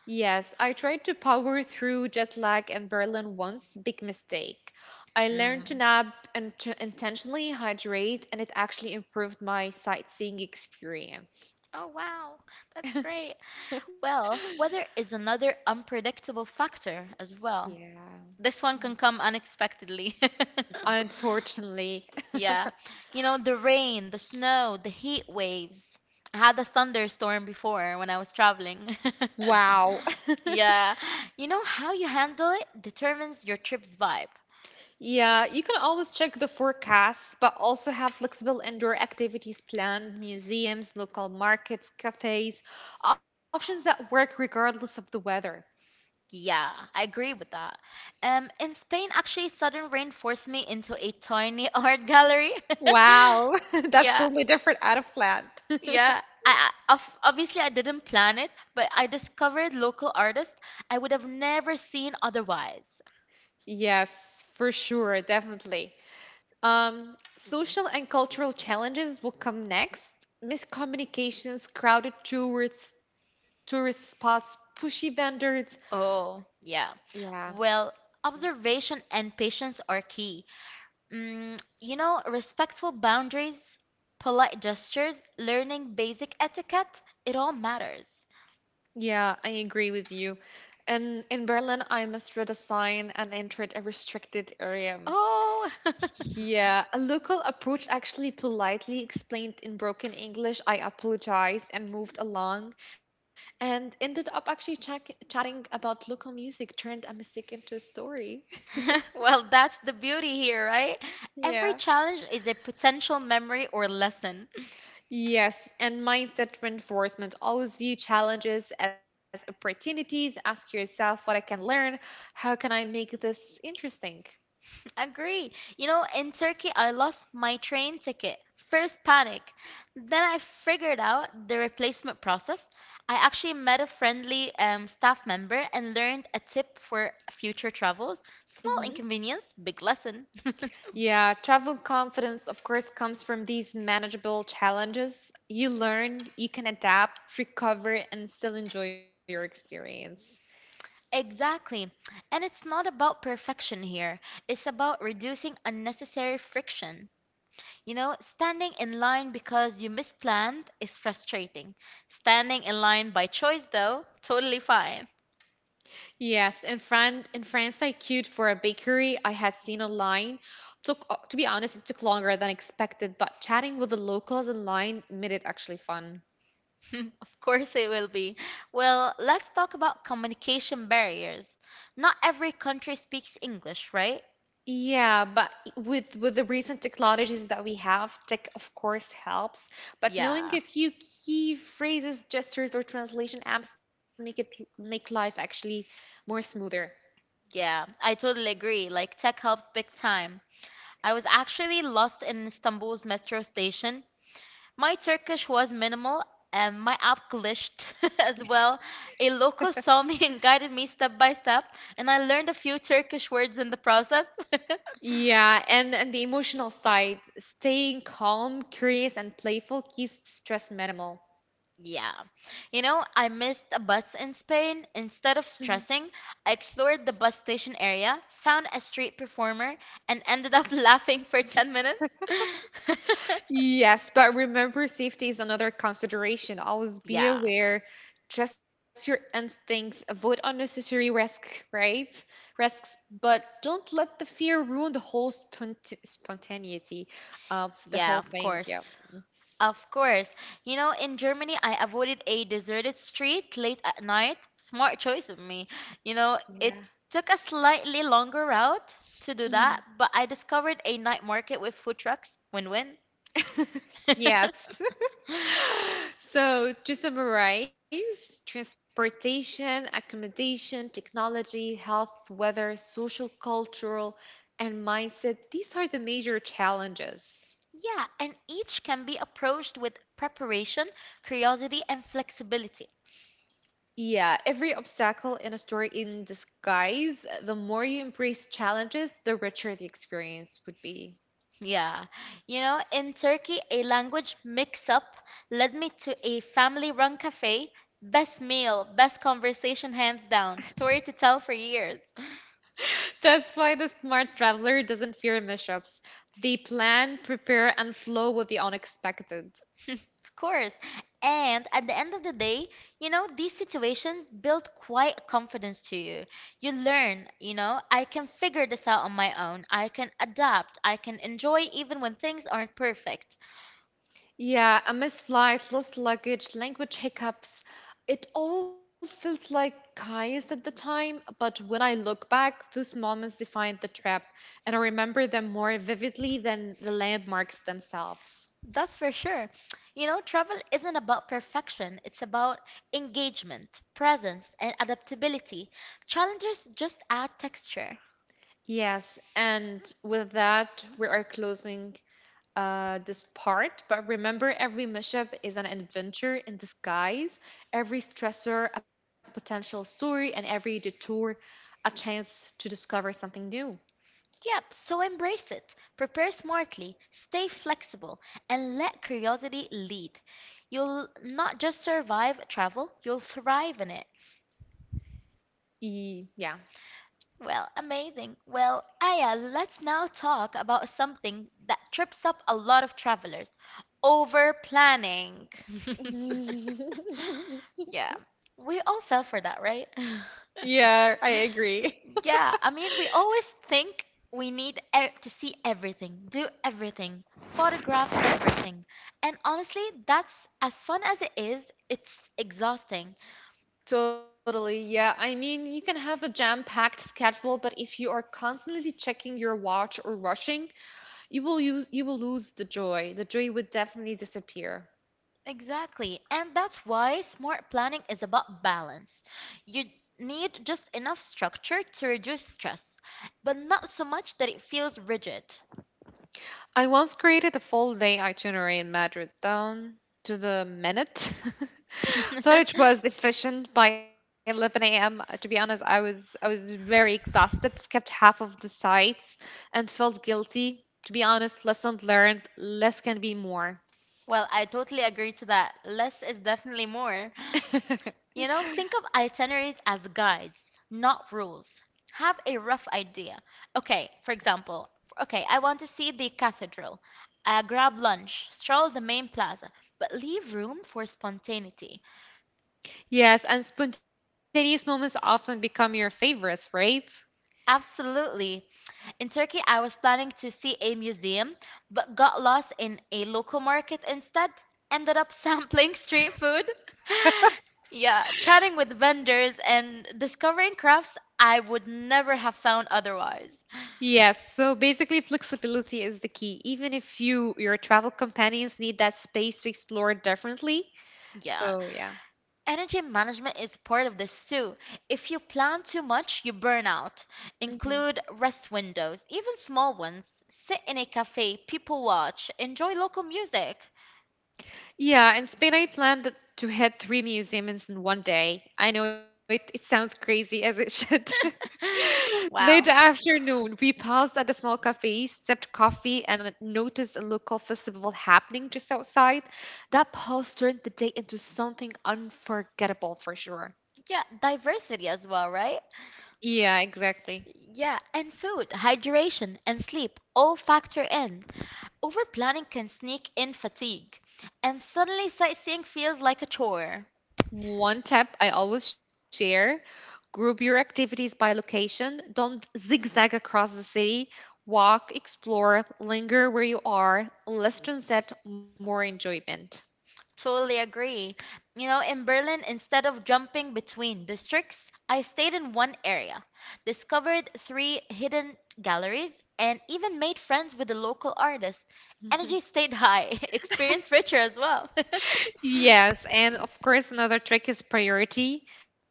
B: Yes, I tried to power through jet lag in Berlin once, big mistake. I learned to
A: Mm.
B: nap and to intentionally hydrate, and it actually improved my sightseeing experience.
A: Oh, wow. That's great. Well, weather is another unpredictable factor as well.
B: Yeah,
A: This one can come unexpectedly.
B: unfortunately.
A: Yeah. You know, the rain, the snow, the heat waves. I had a thunderstorm before when I was traveling.
B: Wow.
A: Yeah. You know, how you handle it determines your trip's vibe.
B: Yeah, you can always check the forecasts, but also have flexible indoor activities planned, museums, local markets, cafes, options that work regardless of the weather.
A: Yeah, I agree with that. In Spain, actually, sudden rain forced me into a tiny art gallery.
B: Wow, that's
A: Yeah.
B: totally different out of plan.
A: Yeah, I obviously I didn't plan it, but I discovered local artists I would have never seen otherwise.
B: Yes, for sure, definitely. Social and cultural challenges will come next. Miscommunications, crowded tourists, tourist spots, pushy vendors.
A: Oh, yeah.
B: Yeah.
A: Well, observation and patience are key. Mm, you know, respectful boundaries, polite gestures, learning basic etiquette, it all matters.
B: Yeah, I agree with you. And in Berlin, I must read a sign and entered a restricted area.
A: Oh,
B: Yeah, a local approach actually politely explained in broken English, I apologize, and moved along and ended up actually chatting about local music, turned a mistake into a story.
A: well, that's the beauty here, right? Every
B: Yeah.
A: challenge is a potential memory or lesson.
B: Yes, and mindset reinforcement. Always view challenges as opportunities. Ask yourself what I can learn. How can I make this interesting?
A: Agree. You know, in Turkey, I lost my train ticket. First panic. Then I figured out the replacement process. I actually met a friendly staff member and learned a tip for future travels. Small
B: Mm-hmm.
A: inconvenience, big lesson.
B: Yeah, travel confidence, of course, comes from these manageable challenges. You learn, you can adapt, recover, and still enjoy your experience.
A: Exactly. And it's not about perfection here. It's about reducing unnecessary friction. You know, standing in line because you misplanned is frustrating. Standing in line by choice, though, totally fine.
B: Yes, in France, I queued for a bakery I had seen online. Took, to be honest, it took longer than expected, but chatting with the locals in line made it actually fun.
A: Of course it will be. Well, let's talk about communication barriers. Not every country speaks English, right?
B: Yeah, but with the recent technologies that we have, tech of course helps, but knowing
A: Yeah,
B: a few key phrases, gestures, or translation apps make it make life actually more smoother.
A: yeah, I totally agree. Like, tech helps big time. I was actually lost in Istanbul's metro station. My Turkish was minimal and my app glitched as well. A local saw me and guided me step by step, and I learned a few Turkish words in the process.
B: Yeah, and the emotional side, staying calm, curious, and playful keeps stress minimal.
A: Yeah. You know, I missed a bus in Spain. Instead of stressing, I explored the bus station area, found a street performer, and ended up laughing for 10 minutes.
B: Yes, but remember, safety is another consideration. Always be
A: Yeah.
B: aware, trust your instincts, avoid unnecessary risk, right? Risks, but don't let the fear ruin the whole spontaneity of the
A: Yeah,
B: whole
A: of
B: thing. Yeah.
A: course. Of course. You know, in Germany, I avoided a deserted street late at night. Smart choice of me. You know,
B: Yeah.
A: it took a slightly longer route to do that,
B: Mhm.
A: but I discovered a night market with food trucks. Win-win.
B: Yes. So, to summarize, transportation, accommodation, technology, health, weather, social, cultural, and mindset, these are the major challenges.
A: Yeah, and each can be approached with preparation, curiosity, and flexibility.
B: Yeah, every obstacle in a story in disguise, the more you embrace challenges, the richer the experience would be.
A: Yeah, you know, in Turkey, a language mix up led me to a family run cafe. Best meal, best conversation, hands down. Story to tell for years.
B: That's why the smart traveler doesn't fear mishaps. They plan, prepare, and flow with the unexpected.
A: Of course. And at the end of the day, you know, these situations build quite a confidence to you. You learn, you know, I can figure this out on my own. I can adapt. I can enjoy even when things aren't perfect.
B: Yeah, a missed flight, lost luggage, language hiccups. It all felt like chaos at the time, but when I look back, those moments defined the trip, and I remember them more vividly than the landmarks themselves.
A: That's for sure. You know, travel isn't about perfection, it's about engagement, presence, and adaptability. Challenges just add texture.
B: Yes, and with that, we are closing this part. But remember, every mishap is an adventure in disguise, every stressor, a potential story, and every detour, a chance to discover something new.
A: Yep, so embrace it. Prepare smartly, stay flexible, and let curiosity lead. You'll not just survive travel, you'll thrive in it.
B: Yeah.
A: Well, amazing. Well, Aya, let's now talk about something that trips up a lot of travelers over planning. Yeah. We all fell for that, right?
B: Yeah, I agree.
A: Yeah, I mean, we always think we need e to see everything, do everything, photograph everything. And honestly, that's as fun as it is, it's exhausting.
B: Totally. Yeah. I mean, you can have a jam-packed schedule, but if you are constantly checking your watch or rushing, you will lose the joy. The joy would definitely disappear.
A: Exactly. And that's why smart planning is about balance. You need just enough structure to reduce stress, but not so much that it feels rigid.
B: I once created a full day itinerary in Madrid down to the minute. Thought it was efficient by 11 a.m. To be honest, I was very exhausted, skipped half of the sites and felt guilty. To be honest, lesson learned, less can be more.
A: Well, I totally agree to that. Less is definitely more. You know, think of itineraries as guides, not rules. Have a rough idea. Okay, for example, okay, I want to see the cathedral. Grab lunch, stroll the main plaza, but leave room for spontaneity.
B: Yes, and spontaneous moments often become your favorites, right?
A: Absolutely. In Turkey, I was planning to see a museum, but got lost in a local market instead. Ended up sampling street food. Yeah, chatting with vendors and discovering crafts I would never have found otherwise.
B: Yes, so basically flexibility is the key. Even if your travel companions need that space to explore differently.
A: Yeah,
B: So yeah.
A: energy management is part of this too. If you plan too much, you burn out.
B: Hmm.
A: Include rest windows, even small ones. Sit in a cafe, people watch, enjoy local music.
B: Yeah, in Spain, I planned to hit three museums in one day. I know it sounds crazy as it should. Late
A: Wow.
B: afternoon, we paused at a small cafe, sipped coffee, and noticed a local festival happening just outside. That pause turned the day into something unforgettable for sure.
A: Yeah, diversity as well, right?
B: Yeah, exactly.
A: Yeah, and food, hydration, and sleep all factor in. Over planning can sneak in fatigue, and suddenly sightseeing feels like a chore.
B: One tip I always share group your activities by location. Don't zigzag across the city. Walk, explore, linger where you are. Less transit, more enjoyment.
A: Totally agree. You know, in Berlin, instead of jumping between districts, I stayed in one area, discovered three hidden galleries, and even made friends with the local artists. Energy stayed high, experience richer as well.
B: Yes, and of course, another trick is priority.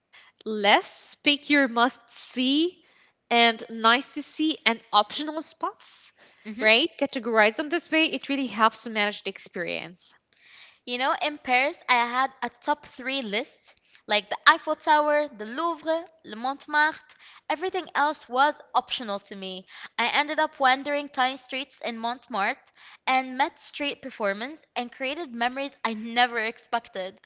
B: Less pick your must see and nice to see and optional spots, right? Categorize them this way. It really helps to manage the experience.
A: You know, in Paris, I had a top three list, like the Eiffel Tower, the Louvre, Le Montmartre. Everything else was optional to me. I ended up wandering tiny streets in Montmartre and met street performance and created memories I never expected.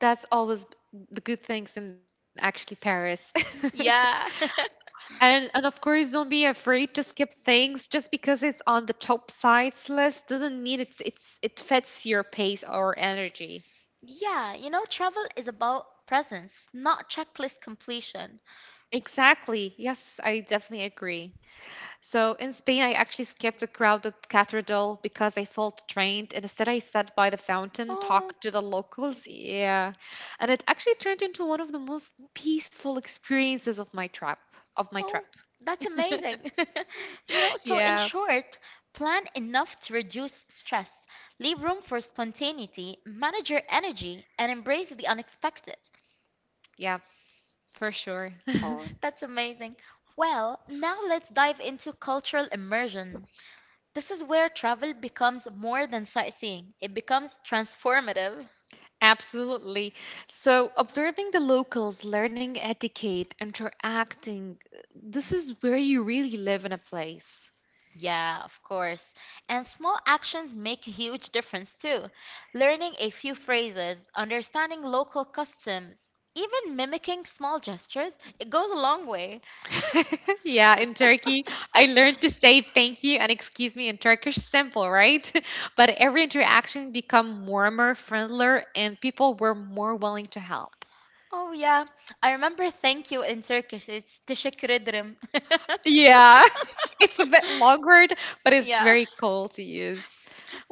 B: That's always the good things in actually Paris.
A: Yeah.
B: And of course, don't be afraid to skip things. Just because it's on the top sites list doesn't mean it fits your pace or energy.
A: Yeah, travel is about presence, not checklist completion.
B: Exactly. Yes, I definitely agree. So in Spain, I actually skipped the crowded cathedral because I felt drained, and instead I sat by the fountain,
A: Oh,
B: talked to the locals. Yeah, and it actually turned into one of the most peaceful experiences of my trip. Of my trip.
A: Oh, that's amazing. So in
B: Yeah,
A: short, plan enough to reduce stress, leave room for spontaneity, manage your energy, and embrace the unexpected.
B: yeah, for sure.
A: Oh, that's amazing. Well, now let's dive into cultural immersion. This is where travel becomes more than sightseeing, it becomes transformative.
B: Absolutely. So, observing the locals, learning etiquette, interacting, this is where you really live in a place.
A: Yeah, of course. And small actions make a huge difference too. Learning a few phrases, understanding local customs, even mimicking small gestures, it goes a long way.
B: Yeah, in Turkey, I learned to say thank you and excuse me in Turkish simple, right? But every interaction become warmer, friendlier, and people were more willing to help.
A: Oh, yeah. I remember thank you in Turkish. It's teşekkür ederim.
B: Yeah. It's a bit long word, but it's
A: Yeah.
B: very cool to use.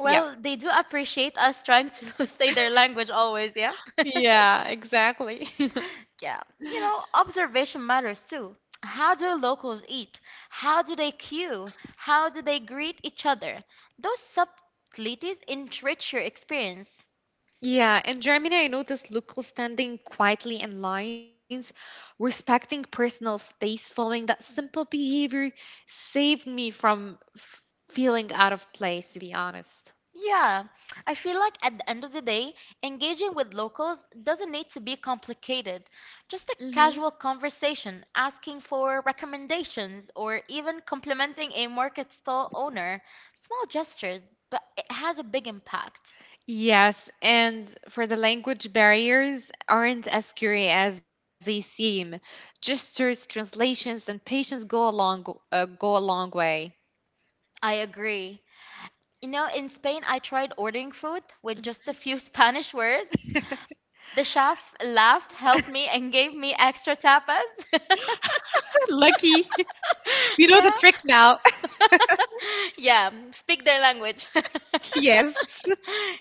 B: Yeah.
A: they do appreciate us trying to say their language always, yeah?
B: Yeah, exactly.
A: Yeah, observation matters too. How do locals eat? How do they queue? How do they greet each other? Those subtleties enrich your experience.
B: Yeah, in Germany, I noticed locals standing quietly in lines, respecting personal space, following that simple behavior saved me from feeling out of place, to be honest.
A: Yeah, I feel like at the end of the day, engaging with locals doesn't need to be complicated. Just
B: Hmm.
A: a casual conversation, asking for recommendations, or even complimenting a market stall owner. Small gestures, but it has a big impact.
B: Yes, and for the language barriers aren't as scary as they seem. Gestures, translations, and patience go a long way.
A: I agree. In Spain, I tried ordering food with just a few Spanish words. The chef laughed, helped me, and gave me extra tapas.
B: Lucky, you know the trick
A: Yeah,
B: now.
A: yeah, speak their language.
B: Yes,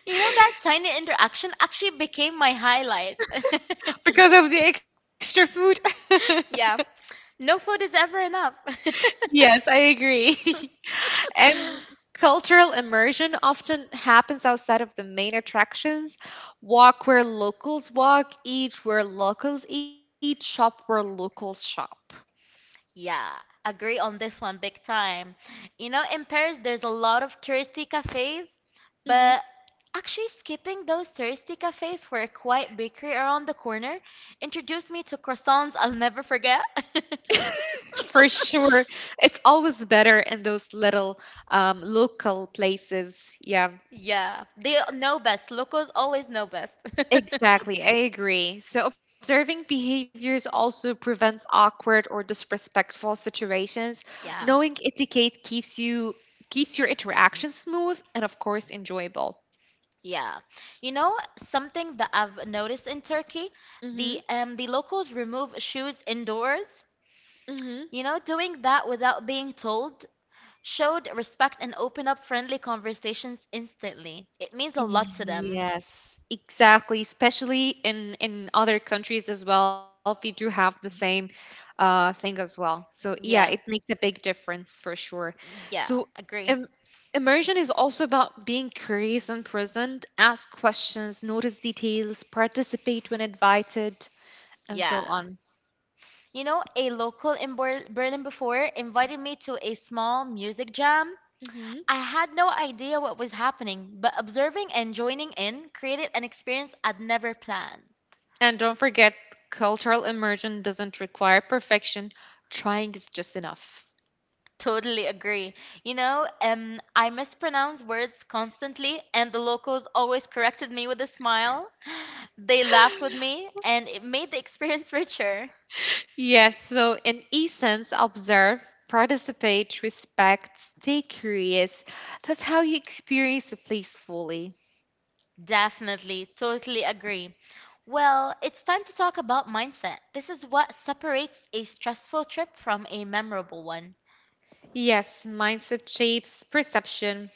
A: That tiny interaction actually became my highlight.
B: because of the extra food.
A: Yeah, no food is ever enough.
B: Yes, I agree. And cultural immersion often happens outside of the main attractions. Walk where locals walk, eat where locals eat, shop where locals shop.
A: Yeah, agree on this one big time. In Paris, there's a lot of touristy cafes,
B: Mhm.
A: but actually skipping those touristy cafes for a quiet bakery around the corner introduced me to croissants I'll never forget.
B: For sure. It's always better in those little local places. Yeah.
A: Yeah, they know best. Locals always know best.
B: Exactly, I agree. So, observing behaviors also prevents awkward or disrespectful situations.
A: Yeah,
B: Knowing etiquette keeps your interactions smooth and of course enjoyable.
A: yeah. You know, something that I've noticed in Turkey, the
B: Mhm.
A: um the locals remove shoes indoors. You know, doing that without being told showed respect and opened up friendly conversations instantly. It means a lot to them.
B: Yes, exactly. Especially in other countries as well, they do have the same thing as well. So yeah, it
A: Yeah,
B: makes a big difference for sure.
A: yeah,
B: So
A: agree.
B: um, immersion is also about being curious and present, ask questions, notice details, participate when invited, and so
A: Yeah.
B: on.
A: A local in Berlin before invited me to a small music jam.
B: Hmm.
A: I had no idea what was happening, but observing and joining in created an experience I'd never planned.
B: And don't forget, cultural immersion doesn't require perfection. Trying is just enough.
A: Totally agree. I mispronounce words constantly, and the locals always corrected me with a smile. They laughed with me and it made the experience richer.
B: Yes, so in essence, observe, participate, respect, stay curious. That's how you experience the place fully.
A: Definitely, totally agree. Well, it's time to talk about mindset. This is what separates a stressful trip from a memorable one.
B: Yes, mindset shapes perception.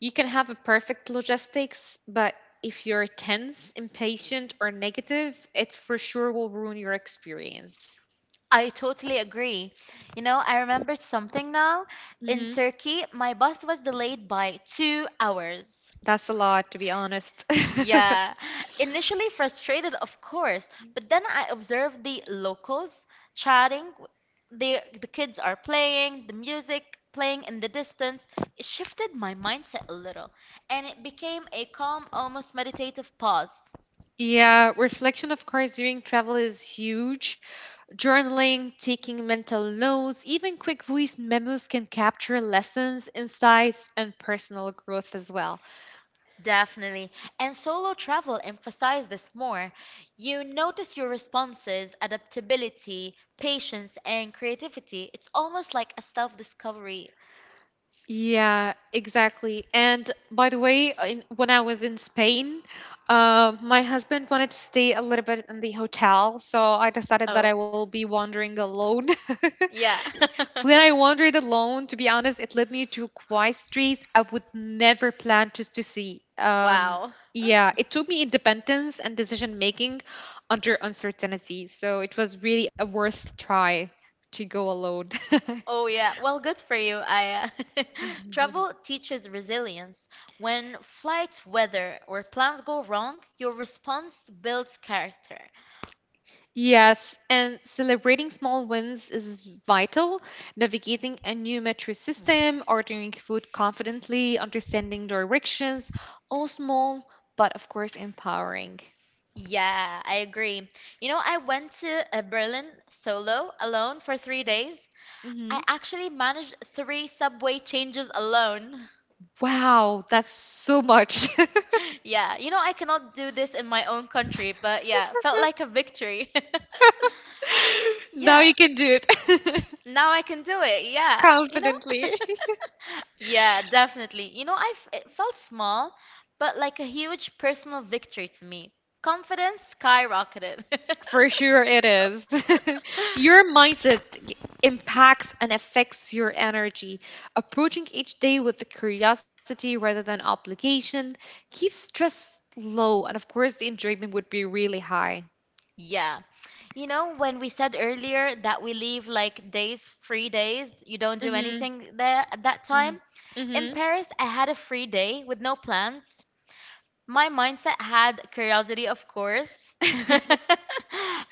B: You can have a perfect logistics, but if you're tense, impatient, or negative, it for sure will ruin your experience.
A: I totally agree. I remembered something now. In
B: Hmm.
A: Turkey, my bus was delayed by 2 hours.
B: That's a lot, to be honest.
A: Yeah, initially frustrated, of course, but then I observed the locals chatting. The kids are playing, the music playing in the distance. It shifted my mindset a little, and it became a calm, almost meditative pause.
B: Yeah, reflection, of course, during travel is huge. Journaling, taking mental notes, even quick voice memos can capture lessons, insights, and personal growth as well.
A: Definitely. And solo travel emphasized this more. You notice your responses, adaptability, patience, and creativity. It's almost like a self-discovery.
B: Yeah, exactly. And by the way, when I was in Spain, my husband wanted to stay a little bit in the hotel, so I decided that
A: Oh,
B: I will be wandering alone.
A: yeah.
B: When I wandered alone, to be honest, it led me to quiet streets I would never plan just to see.
A: Wow.
B: Yeah, it taught me independence and decision making under uncertainty. So it was really a worth try to go alone.
A: Oh yeah, well, good for you, Aya. Travel teaches resilience. When flights weather or plans go wrong, your response builds character.
B: Yes, and celebrating small wins is vital. Navigating a new metro system, ordering food confidently, understanding directions, all small, but of course empowering.
A: Yeah, I agree. You know, I went to Berlin solo, alone for 3 days. I
B: Mhm.
A: actually managed three subway changes alone.
B: Wow, that's so much.
A: Yeah, you know, I cannot do this in my own country, but yeah, felt like a victory.
B: Now
A: Yeah,
B: you can do it
A: now I can do it. Yeah. You know,
B: confidently.
A: Yeah, definitely. You know, I f it felt small, but like a huge personal victory to me. Confidence skyrocketed.
B: For sure, it is. Your mindset g- impacts and affects your energy. Approaching each day with the curiosity rather than obligation keeps stress low, and of course, the enjoyment would be really high.
A: Yeah. When we said earlier that we leave like days, free days, you don't do
B: Mm-hmm,
A: anything there at that time. In
B: mm-hmm,
A: Paris, I had a free day with no plans. My mindset had curiosity, of course.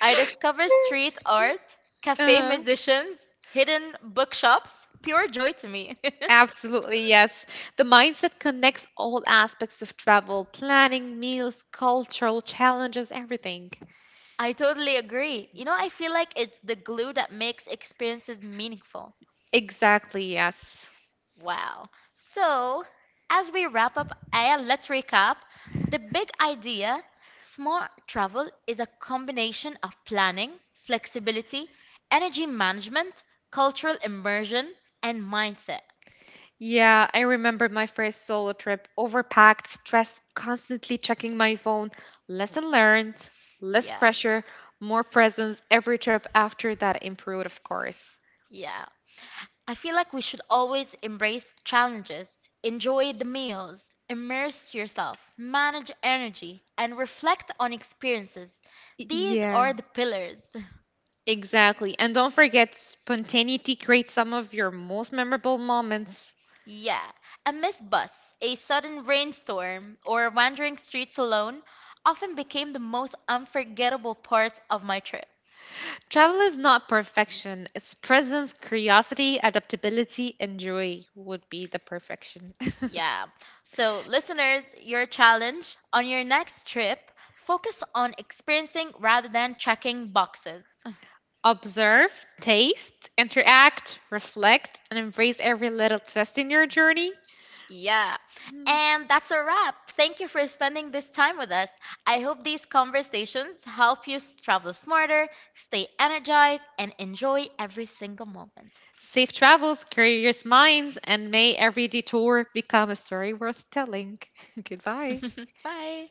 A: I discovered street art, cafe musicians, hidden bookshops, pure joy to me.
B: Absolutely, yes. The mindset connects all aspects of travel planning, meals, cultural challenges, everything.
A: I totally agree. I feel like it's the glue that makes experiences meaningful.
B: Exactly, yes.
A: Wow. So, as we wrap up, Aya, let's recap. The big idea smart travel is a combination of planning, flexibility, energy management, cultural immersion, and mindset.
B: Yeah, I remember my first solo trip, overpacked, stressed, constantly checking my phone. Lesson learned, less
A: Yeah,
B: pressure, more presence every trip after that improved, of course.
A: yeah. I feel like we should always embrace challenges, enjoy the meals, immerse yourself, manage energy, and reflect on experiences. These
B: Yeah,
A: are the pillars.
B: exactly. And don't forget, spontaneity creates some of your most memorable moments.
A: Yeah, a missed bus, a sudden rainstorm, or wandering streets alone often became the most unforgettable parts of my trip.
B: Travel is not perfection. It's presence, curiosity, adaptability, and joy would be the perfection.
A: Yeah. So, listeners, your challenge on your next trip, focus on experiencing rather than checking boxes.
B: Observe, taste, interact, reflect, and embrace every little twist in your journey.
A: Yeah.
B: Mm.
A: And that's a wrap. Thank you for spending this time with us. I hope these conversations help you travel smarter, stay energized, and enjoy every single moment.
B: Safe travels, curious minds, and may every detour become a story worth telling. Goodbye.
A: Bye.